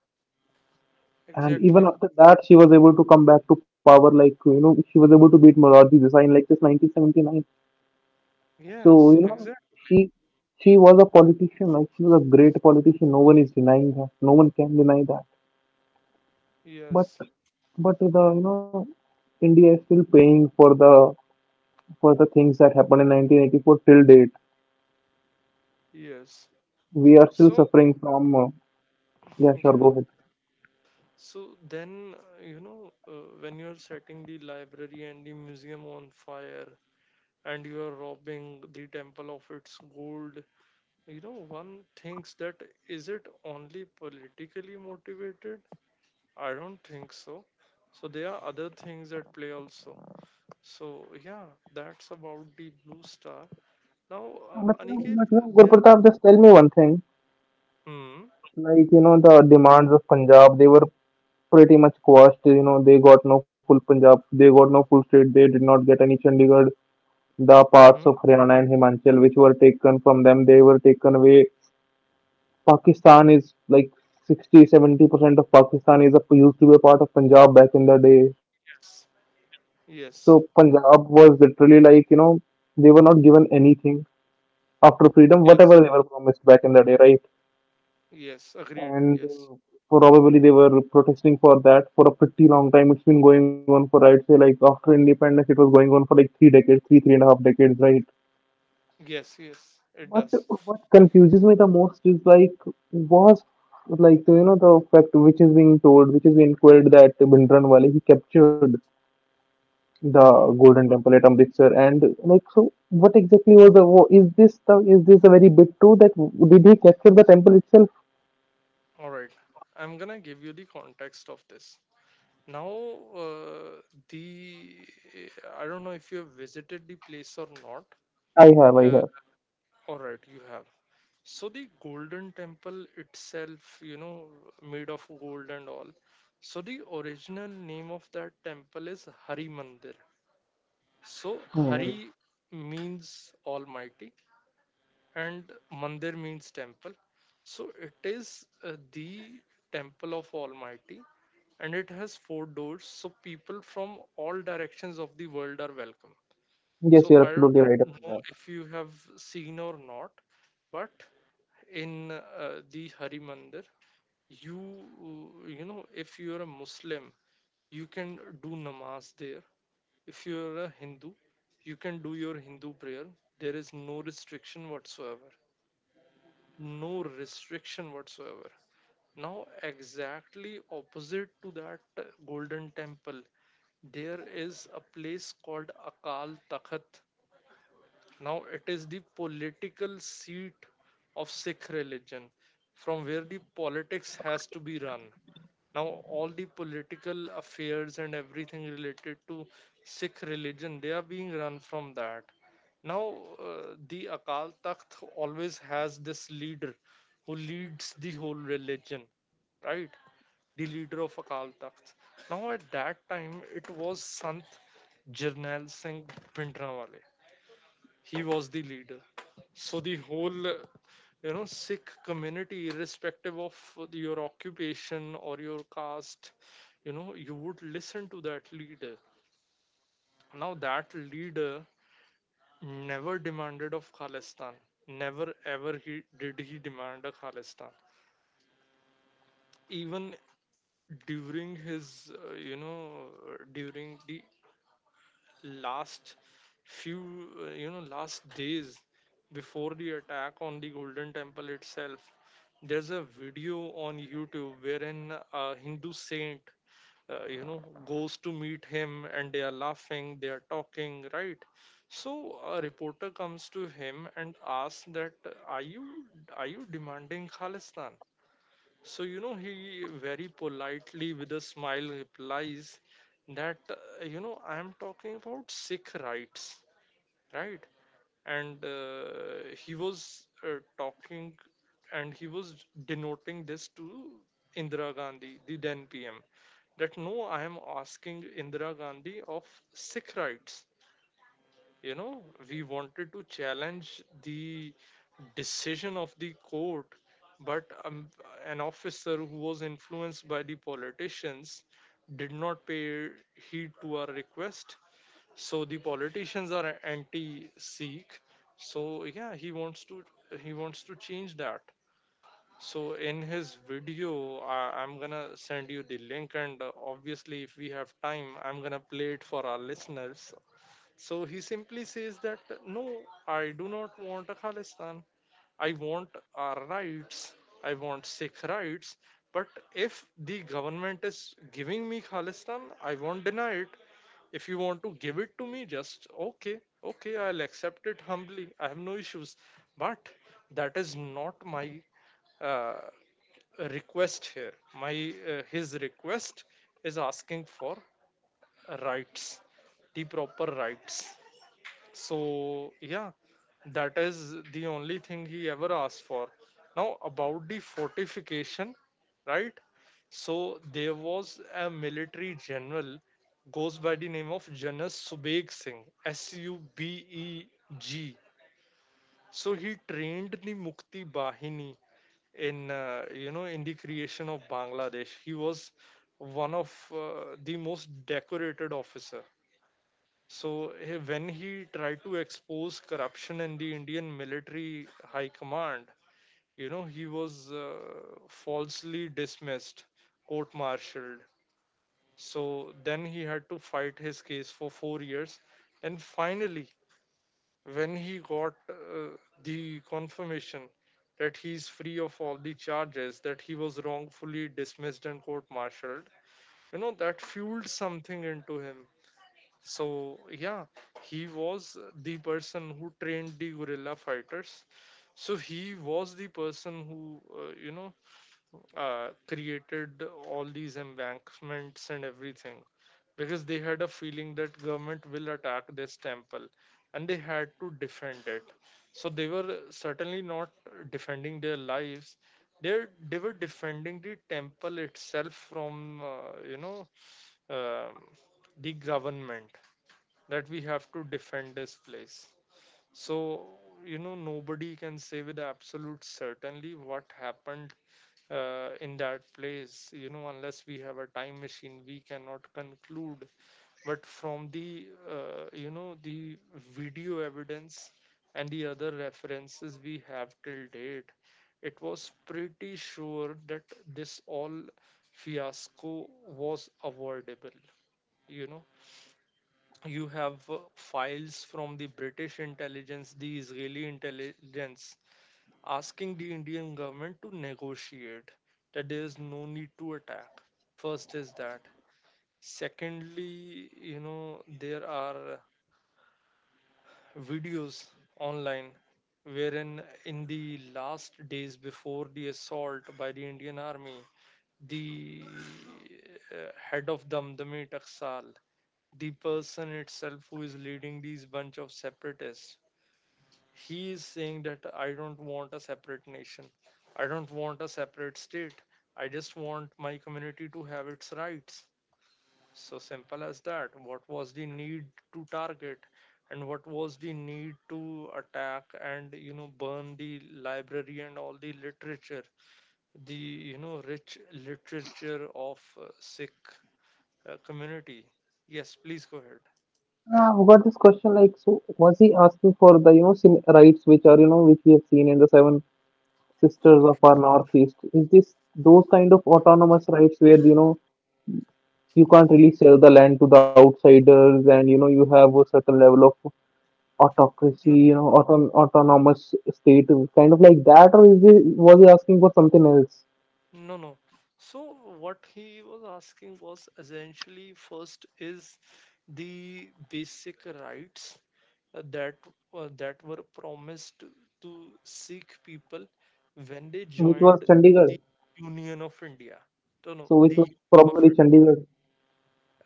S2: And even
S1: exactly.
S2: after that, she was able to come back to power, like, you know, she was able to beat Morarji Desai in like this 1979. So,
S1: Yes,
S2: you know,
S1: exactly.
S2: she she was a politician, like, she was a great politician. No one is denying that. No one can deny that. But
S1: Yes,
S2: But the you know India is still paying for the things that happened in 1984 till date.
S1: yes.
S2: We are still
S1: So
S2: suffering from. Yeah, sure, go
S1: yeah.
S2: ahead.
S1: So then, when you're setting the library and the museum on fire and you are robbing the temple of its gold, you know, one thinks that, is it only politically motivated? I don't think so. So there are other things at play also. So yeah, that's about the Blue Star. Now,
S2: But, you know-
S1: Aniket,
S2: but you know,
S1: there.
S2: Gurpratap, just tell me one thing.
S1: Mm,
S2: Like you know, the demands of Punjab, they were pretty much quashed. You know, they got no full Punjab, they got no full state. They did not get any Chandigarh. The parts
S1: mm-hmm.
S2: of Haryana and Himachal, which were taken from them, they were taken away. Pakistan is like 60, 70% of Pakistan used to be a part of Punjab back in the day.
S1: Yes.
S2: So
S1: Yes.
S2: Punjab was literally like, you know, they were not given anything after freedom,
S1: Yes.
S2: whatever they were promised back in the day, right?
S1: Yes. Agreed.
S2: And
S1: Yes.
S2: probably they were protesting for that for a pretty long time. It's been going on for, I'd say, like after independence, it was going on for like three decades, three and a half decades, right?
S1: Yes, yes, it
S2: But
S1: does.
S2: what confuses me the most is was like you know the fact which is being told, which is being queried that Bhindranwale he captured the
S1: Mm-hmm.
S2: Golden Temple at Amritsar and like so what exactly was the wa- is this the very big true that did he capture the temple itself?
S1: All right. I'm gonna give you the context of this. Now, uh, the, I don't know if you have visited the place or not.
S2: I
S1: Uh,
S2: have.
S1: all right, you have. So the Golden Temple itself, you know, made of gold and all. So the original name of that temple is Hari Mandir. So
S2: Hmm.
S1: Hari means Almighty, and mandir means temple. So it is the temple of almighty, and it has four doors, so people from all directions of the world are welcome.
S2: Yes,
S1: So
S2: you're
S1: I
S2: absolutely
S1: don't
S2: right
S1: know
S2: about that.
S1: if you have seen or not, but in the Hari Mandir, you, you know, if you are a Muslim, you can do namaz there. If you are a Hindu, you can do your Hindu prayer. There is no restriction whatsoever. No restriction whatsoever. Now, exactly opposite to that Golden Temple, there is a place called Akal Takhat. Now it is the political seat of Sikh religion, from where the politics has to be run. Now all the political affairs and everything related to Sikh religion, they are being run from that. Now the Akal Takht always has this leader who leads the whole religion, right? The leader of Akal Takht. Now, at that time, it was Sant Jarnail Singh Bhindranwale. He was the leader. So the whole Sikh community, irrespective of your occupation or your caste, you know, you would listen to that leader. Now that leader never demanded of Khalistan. Never ever he did he demand a Khalistan. Even during his during the last few last days before the attack on the Golden Temple itself, there's a video on YouTube wherein a Hindu saint, you know, goes to meet him and they are laughing, they are talking, right? So a reporter comes to him and asks that, are you, are you demanding Khalistan? So, you know, he very politely, with a smile, replies that, you know, I am talking about Sikh rights, right? And he was talking, and he was denoting this to Indira Gandhi, the then PM, that no, I am asking Indira Gandhi of Sikh rights. You know, we wanted to challenge the decision of the court, but an officer who was influenced by the politicians did not pay heed to our request. So the politicians are anti sikh so yeah, he wants to change that. So in his video, I'm gonna send you the link, and obviously if we have time I'm gonna play it for our listeners. So he simply says that, no, I do not want a Khalistan. I want our rights. I want Sikh rights. But if the government is giving me Khalistan, I won't deny it. If you want to give it to me, just okay, okay, I'll accept it humbly. I have no issues. But that is not my uh, request here. My his request is asking for rights, the proper rights. So, yeah, that is the only thing he ever asked for. Now, about the fortification, right? So, there was a military general, goes by the name of Janas Subeg Singh, SUBEG. So, he trained the Mukti Bahini in, you know, in the creation of Bangladesh. He was one of the most decorated officer. So when he tried to expose corruption in the Indian military high command, you know, he was falsely dismissed, court-martialed. So then he had to fight his case for 4 years. And finally, when he got the confirmation that he's free of all the charges, that he was wrongfully dismissed and court-martialed, you know, that fueled something into him. So yeah, he was the person who trained the guerrilla fighters. So he was the person who, you know, created all these embankments and everything, because they had a feeling that government will attack this temple and they had to defend it. So they were certainly not defending their lives. They they were defending the temple itself from, you know, um, the government, that we have to defend this place. So, you know, nobody can say with absolute certainty what happened in that place. You know, unless we have a time machine, we cannot conclude. But from the, you know, the video evidence and the other references we have till date, it was pretty sure that this all fiasco was avoidable. You know, you have files from the British intelligence, the Israeli intelligence, asking the Indian government to negotiate, that there is no need to attack. First is that. Secondly, you know, there are videos online wherein in the last days before the assault by the Indian army, the head of Damdami Taksal, the person itself who is leading these bunch of separatists, he is saying that I don't want a separate nation. I don't want a separate state. I just want my community to have its rights. So simple as that. What was the need to target? And what was the need to attack and you know burn the library and all the literature, the you know rich literature of Sikh community? Yes, please go ahead.
S2: Now, I've got this question like so was he asking for the you know sin rights which are you know which we have seen in the seven Sisters of our Northeast, is this those kind of autonomous rights where you know you can't really sell the land to the outsiders and you know you have a certain level of autocracy, you know, autonomous state, kind of like that, or is it was he asking for something else,
S1: No, no. So what he was asking was essentially first is the basic rights uh, that that were promised to Sikh people when they
S2: which was
S1: joined the
S2: Chandigarh?
S1: Union of India. No, no,
S2: So which
S1: the
S2: was
S1: Union of
S2: probably
S1: India.
S2: Chandigarh.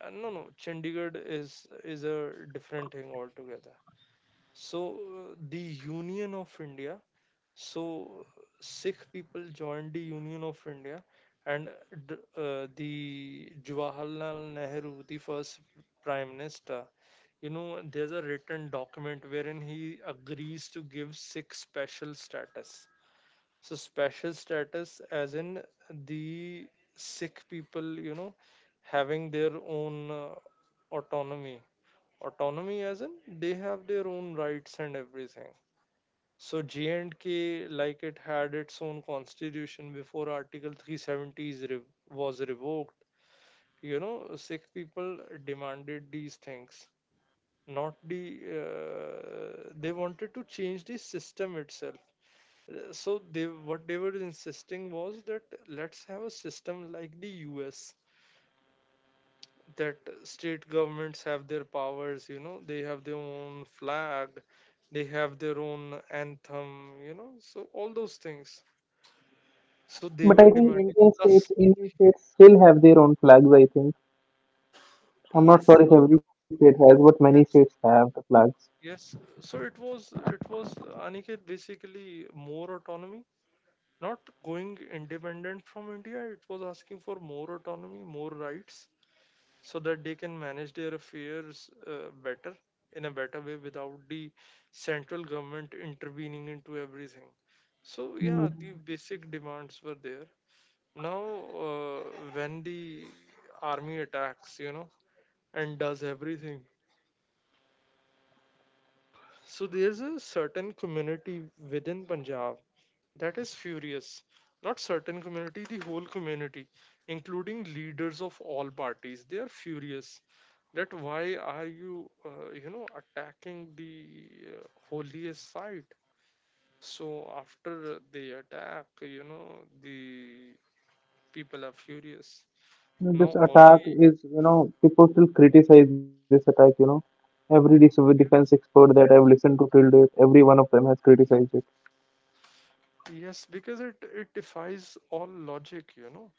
S1: No, no. Chandigarh is a different thing altogether. So the Union of India, so Sikh people joined the Union of India, and the Jawaharlal Nehru, the first prime minister, you know, there's a written document wherein he agrees to give Sikh special status. So special status, as in the Sikh people, you know, having their own autonomy. Autonomy, as in they have their own rights and everything. So J&K, like it had its own constitution before Article 370 is was revoked. You know, Sikh people demanded these things, not the. They wanted to change the system itself. So they what they were insisting was that let's have a system like the U.S., that state governments have their powers. You know, they have their own flag, they have their own anthem. You know, so all those things, so
S2: But
S1: they were
S2: I think
S1: demanding plus,
S2: Indian states still have their own flags. I think I'm not
S1: yes,
S2: sure if every state has, but many states
S1: yes,
S2: have the flags.
S1: yes. So it was, Aniket, basically more autonomy, not going independent from India. It was asking for more autonomy, more rights, so that they can manage their affairs better in a better way without the central government intervening into everything. So
S2: Hmm.
S1: yeah, the basic demands were there. Now, uh, when the army attacks, you know, and does everything, so there's a certain community within Punjab that is furious. Not certain community, the whole community, including leaders of all parties. They are furious. That why are you, you know, attacking the holiest site? So after the attack, you know, the people are furious.
S2: No,
S1: Now
S2: this
S1: all the
S2: attack is, you know, people still criticize this attack, you know. Every dis- defense expert that I've listened to till date, every one of them has criticized it.
S1: Yes, because it defies all logic. You know,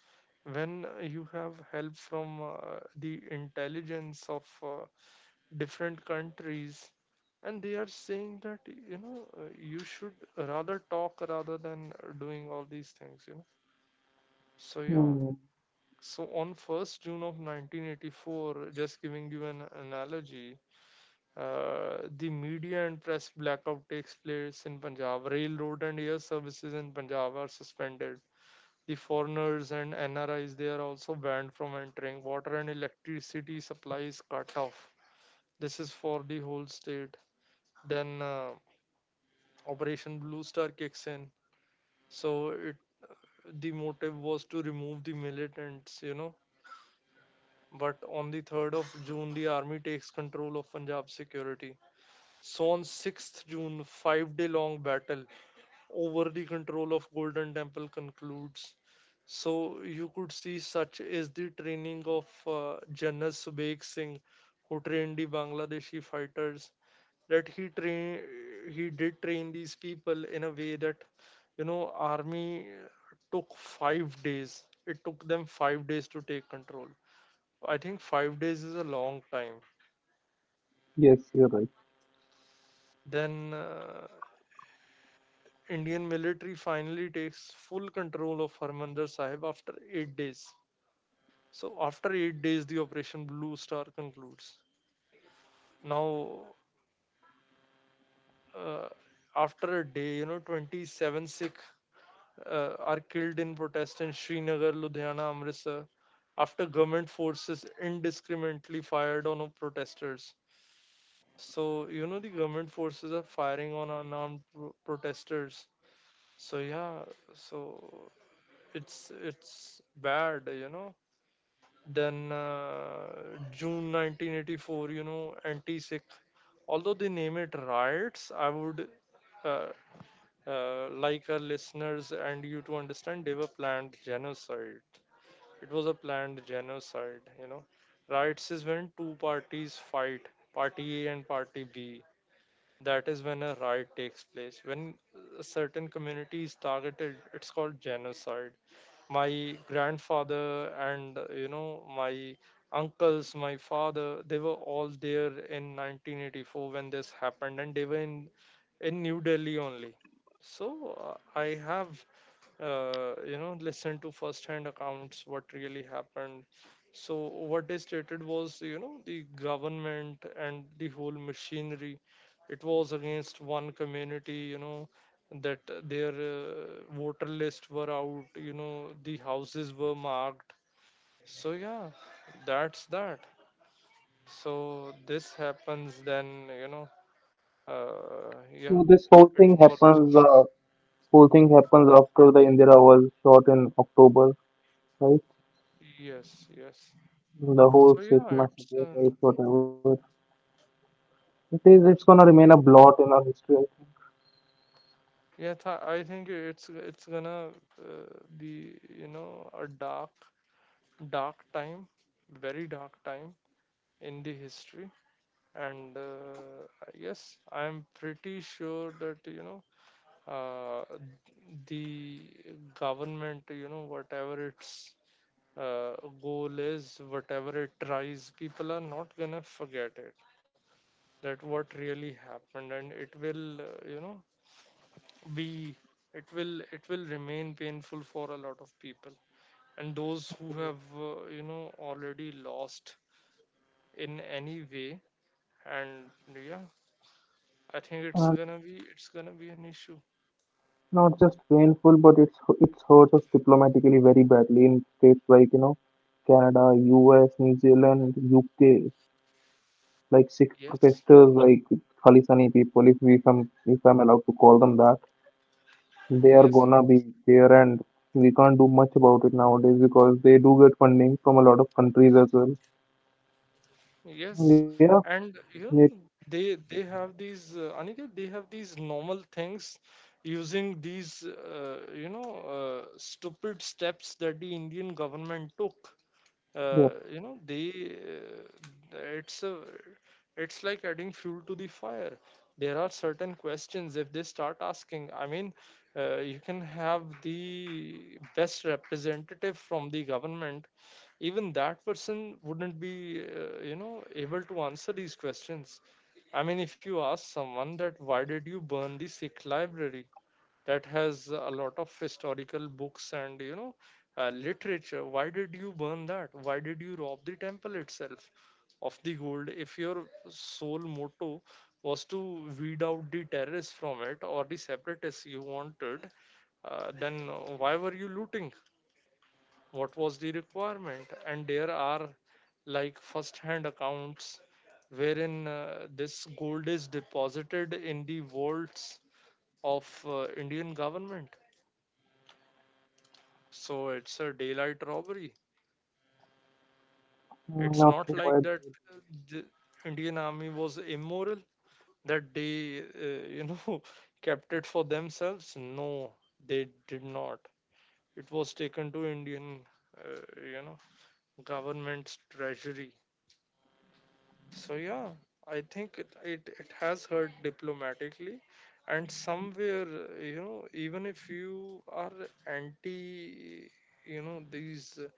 S1: when you have help from the intelligence of different countries, and they are saying that you know you should rather talk rather than doing all these things, you know. So yeah,
S2: Hmm.
S1: so on 1st June of 1984, just giving you an analogy, the media and press blackout takes place in Punjab, railroad and air services in Punjab are suspended, the foreigners and NRIs they are also banned from entering. Water and electricity supplies cut off. This is for the whole state. Then, Operation Blue Star kicks in. So it the motive was to remove the militants, you know. But on the 3rd of June, the army takes control of Punjab security. So on 6th of June, 5 day long battle over the control of Golden Temple concludes. So you could see such is the training of Janas Subeg Singh, who trained the Bangladeshi fighters. That he did train these people in a way that you know army took 5 days. It took them 5 days to take control. I think 5 days is a long time.
S2: Yes, you're right.
S1: Then, Indian military finally takes full control of Harmandir Sahib after 8 days. So after 8 days, the Operation Blue Star concludes. Now, uh, after a day, you know, 27 Sikh are killed in protest in Srinagar, Ludhiana, Amritsar, after government forces indiscriminately fired on protesters. So, you know, the government forces are firing on unarmed protesters. So, yeah, so it's bad, you know. Then, June 1984, you know, anti-Sikh. Although they name it riots, I would uh, like our listeners and you to understand they were planned genocide. It was a planned genocide, you know. Riots is when two parties fight, party A and party B. That is when a riot takes place. When a certain community is targeted, it's called genocide. My grandfather and you know my uncles, my father, they were all there in 1984 when this happened, and they were in New Delhi only. So I have you know listen to first hand accounts what really happened. So what they stated was, you know, the government and the whole machinery, it was against one community, you know, that their voter list were out, you know, the houses were marked. So yeah, that's that. So this happens, then, you know, yeah,
S2: So this whole
S1: it
S2: thing
S1: follows.
S2: happens, after the Indira was shot in October, right?
S1: Yes, yes,
S2: The whole
S1: so yeah,
S2: Sikh
S1: it's
S2: massacre, right? Whatever. It's gonna remain a blot in our history.
S1: yeah, I think it's gonna uh, be, you know, a dark time, very dark time in the history, and yes, I'm pretty sure that you know uh, the government, you know whatever its uh, goal is, whatever it tries, people are not gonna forget it. That what really happened, and it will you know be, it will remain painful for a lot of people and those who have you know already lost in any way, and yeah, I think it's gonna be an issue.
S2: Not just painful, but it's hurt us diplomatically very badly in states like you know Canada, U.S., New Zealand, U.K. Like Sikh
S1: Yes,
S2: protesters, like Khalisani people, if I'm allowed to call them that, they are
S1: yes,
S2: gonna be there, and we can't do much about it nowadays because they do get funding from a lot of countries as well.
S1: yes.
S2: Yeah,
S1: And
S2: it,
S1: you know they have these Aniket, they have these normal things using these you know stupid steps that the Indian government took,
S2: yeah.
S1: you know they, it's a, it's like adding fuel to the fire. There are certain questions if they start asking, I mean, you can have the best representative from the government, even that person wouldn't be you know able to answer these questions. I mean if you ask someone that why did you burn the Sikh library that has a lot of historical books and you know literature, why did you burn that, why did you rob the temple itself of the gold? If your sole motto was to weed out the terrorists from it or the separatists you wanted, then why were you looting? What was the requirement? And there are, like, first hand accounts wherein this gold is deposited in the vaults of Indian government. So it's a daylight robbery. It's
S2: Not
S1: not
S2: sure
S1: like
S2: why
S1: that uh, the Indian army was immoral, that they, you know, kept it for themselves. No, they did not. It was taken to Indian, uh, you know, government's treasury. So yeah, I think it has hurt diplomatically. And somewhere, you know, even if you are anti, you know, these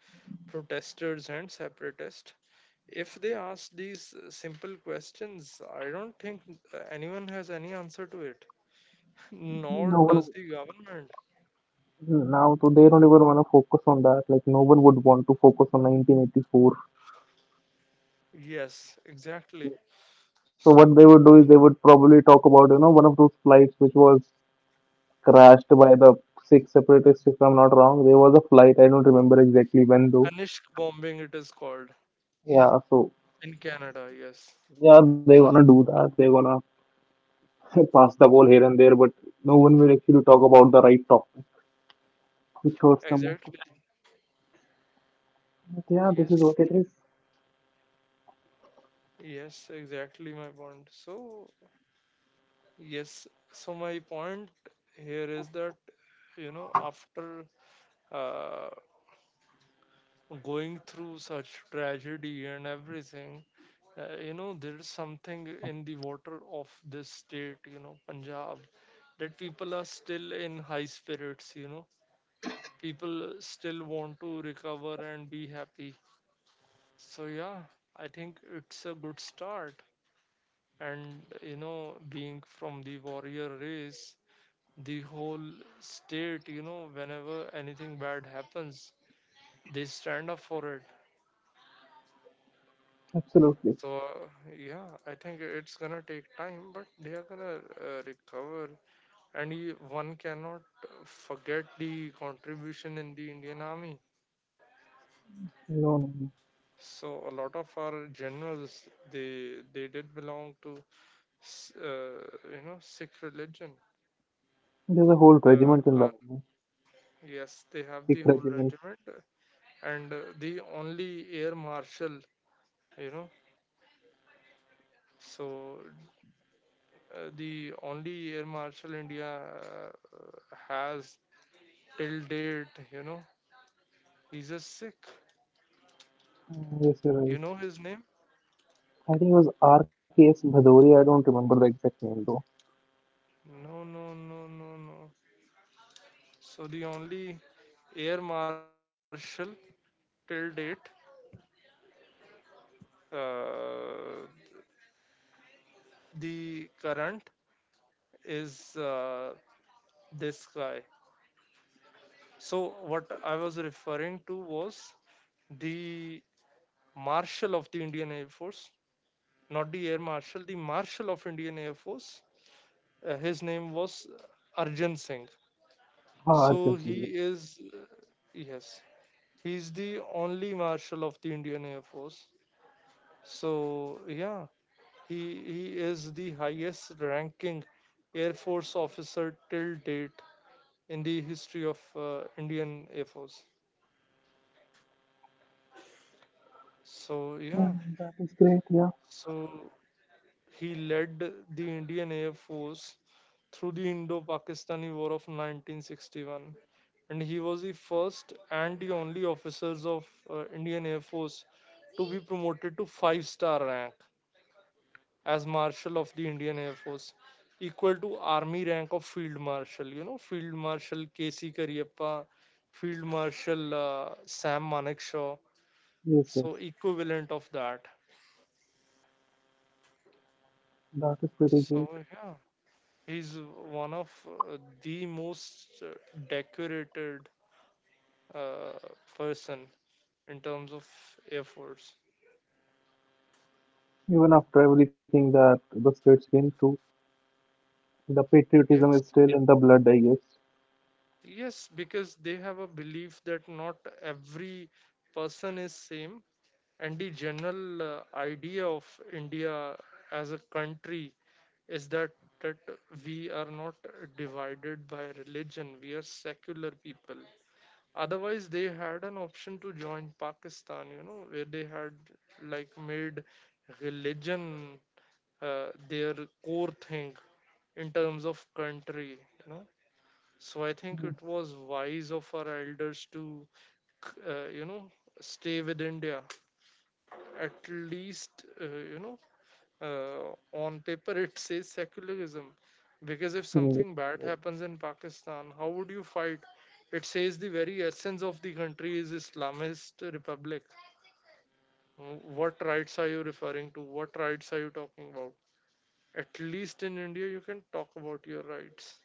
S1: protesters and separatists, if they ask these simple questions, I don't think anyone has any answer to it, nor
S2: no one
S1: does the government.
S2: now, so they don't even want to focus on that. Like no one would want to focus on 1984.
S1: Yes, exactly. S-
S2: So what they would do is they would probably talk about, you know, one of those flights which was crashed by the Sikh separatists, if I'm not wrong. There was a flight, I don't remember exactly when though.
S1: Kanishk bombing, it is called,
S2: Yeah, so
S1: in Canada. Yes,
S2: yeah, they're gonna do that. They're gonna pass the ball here and there, but no one will actually talk about the right topic, which hurts the most.
S1: exactly.
S2: But yeah, this is
S1: Yes,
S2: what it is.
S1: yes, exactly my point. So, yes, so my point here is that, you know, after uh, going through such tragedy and everything, you know, there is something in the water of this state, you know, Punjab, that people are still in high spirits, you know. People still want to recover and be happy. So, yeah, I think it's a good start. And, you know, being from the warrior race, the whole state, you know, whenever anything bad happens, they stand up for it.
S2: Absolutely.
S1: So, yeah, I think it's gonna take time, but they are gonna recover. And one cannot forget the contribution in the Indian Army.
S2: No, no, no.
S1: So a lot of our generals, they did belong to, uh, you know, Sikh religion.
S2: There's a whole
S1: Uh,
S2: regiment in the
S1: our-
S2: army.
S1: yes, they have the
S2: Sikh
S1: whole
S2: regiment.
S1: regiment, and the only air marshal, you know, so the only air marshal India uh, has till date, you know, he's a Sikh.
S2: Mm, yes, you're
S1: You
S2: right.
S1: know his name?
S2: I think it was RKS Bhadoria. I don't remember the exact name though.
S1: No, no, no, no, no. So the only air marshal till date, uh, the current is this guy. So what I was referring to was the marshal of the Indian Air Force, not the air marshal, the marshal of Indian Air Force. His name was Arjan Singh.
S2: Ah,
S1: So
S2: Arjun Singh.
S1: he is, yes, he's the only marshal of the Indian Air Force. So yeah, he is the highest ranking Air Force officer till date in the history of Indian Air Force. So,
S2: Yeah,
S1: yeah,
S2: that is great. Yeah,
S1: so he led the Indian Air Force through the Indo Pakistani War of 1961. And he was the first and the only officers of Indian Air Force to be promoted to five star rank, as Marshal of the Indian Air Force, equal to Army rank of Field Marshal. You know, Field Marshal K.C. Kariappa, Field Marshal Sam Manekshaw.
S2: yes,
S1: So,
S2: yes,
S1: equivalent of that.
S2: that is pretty great.
S1: So, yeah, he's one of the most decorated uh, person in terms of Air Force.
S2: Even after everything that the states came through, the patriotism
S1: Yes.
S2: is still in the blood, I guess.
S1: Yes, because they have a belief that not every person is same. And the general idea of India as a country is that we are not divided by religion. We are secular people. Otherwise, they had an option to join Pakistan, you know, where they had, like, made religion their core thing in terms of country, you know. So I think it was wise of our elders to, you know, stay with India, at least you know on paper it says secularism, because if
S2: Mm, yes,
S1: something
S2: you're
S1: bad
S2: right.
S1: happens in Pakistan how would you fight? It says the very essence of the country is Islamist republic. What rights are you referring to? What rights are you talking about? At least in India you can talk about your rights.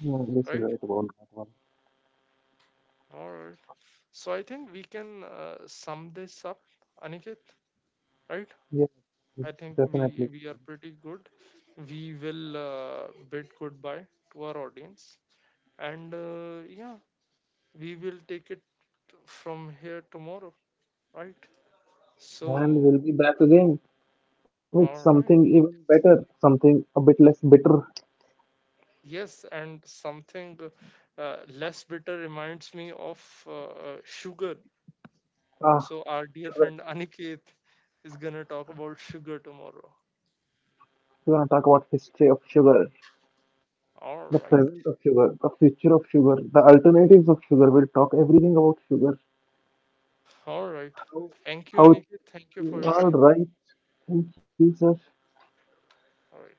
S2: Mm, yes, you're
S1: Right.
S2: right about that one.
S1: All right, so I think we can sum this up, Aniket, right?
S2: Yeah,
S1: I think we
S2: definitely.
S1: we are pretty good. We will bid goodbye to our audience, and yeah, we will take it from here tomorrow, right? So,
S2: And we'll be back again with
S1: all
S2: something
S1: right.
S2: even better, something a bit less bitter.
S1: Yes, and something less bitter reminds me of sugar.
S2: Ah,
S1: So our dear
S2: sugar.
S1: friend Aniket is gonna talk about sugar tomorrow.
S2: We're gonna talk about history of sugar,
S1: All
S2: the
S1: right.
S2: present of sugar, the future of sugar, the alternatives of sugar. We'll talk everything about sugar.
S1: All right.
S2: How
S1: Thank you,
S2: how it
S1: Aniket. Thank you for your
S2: All
S1: time.
S2: right. Thank you, sir.
S1: All right.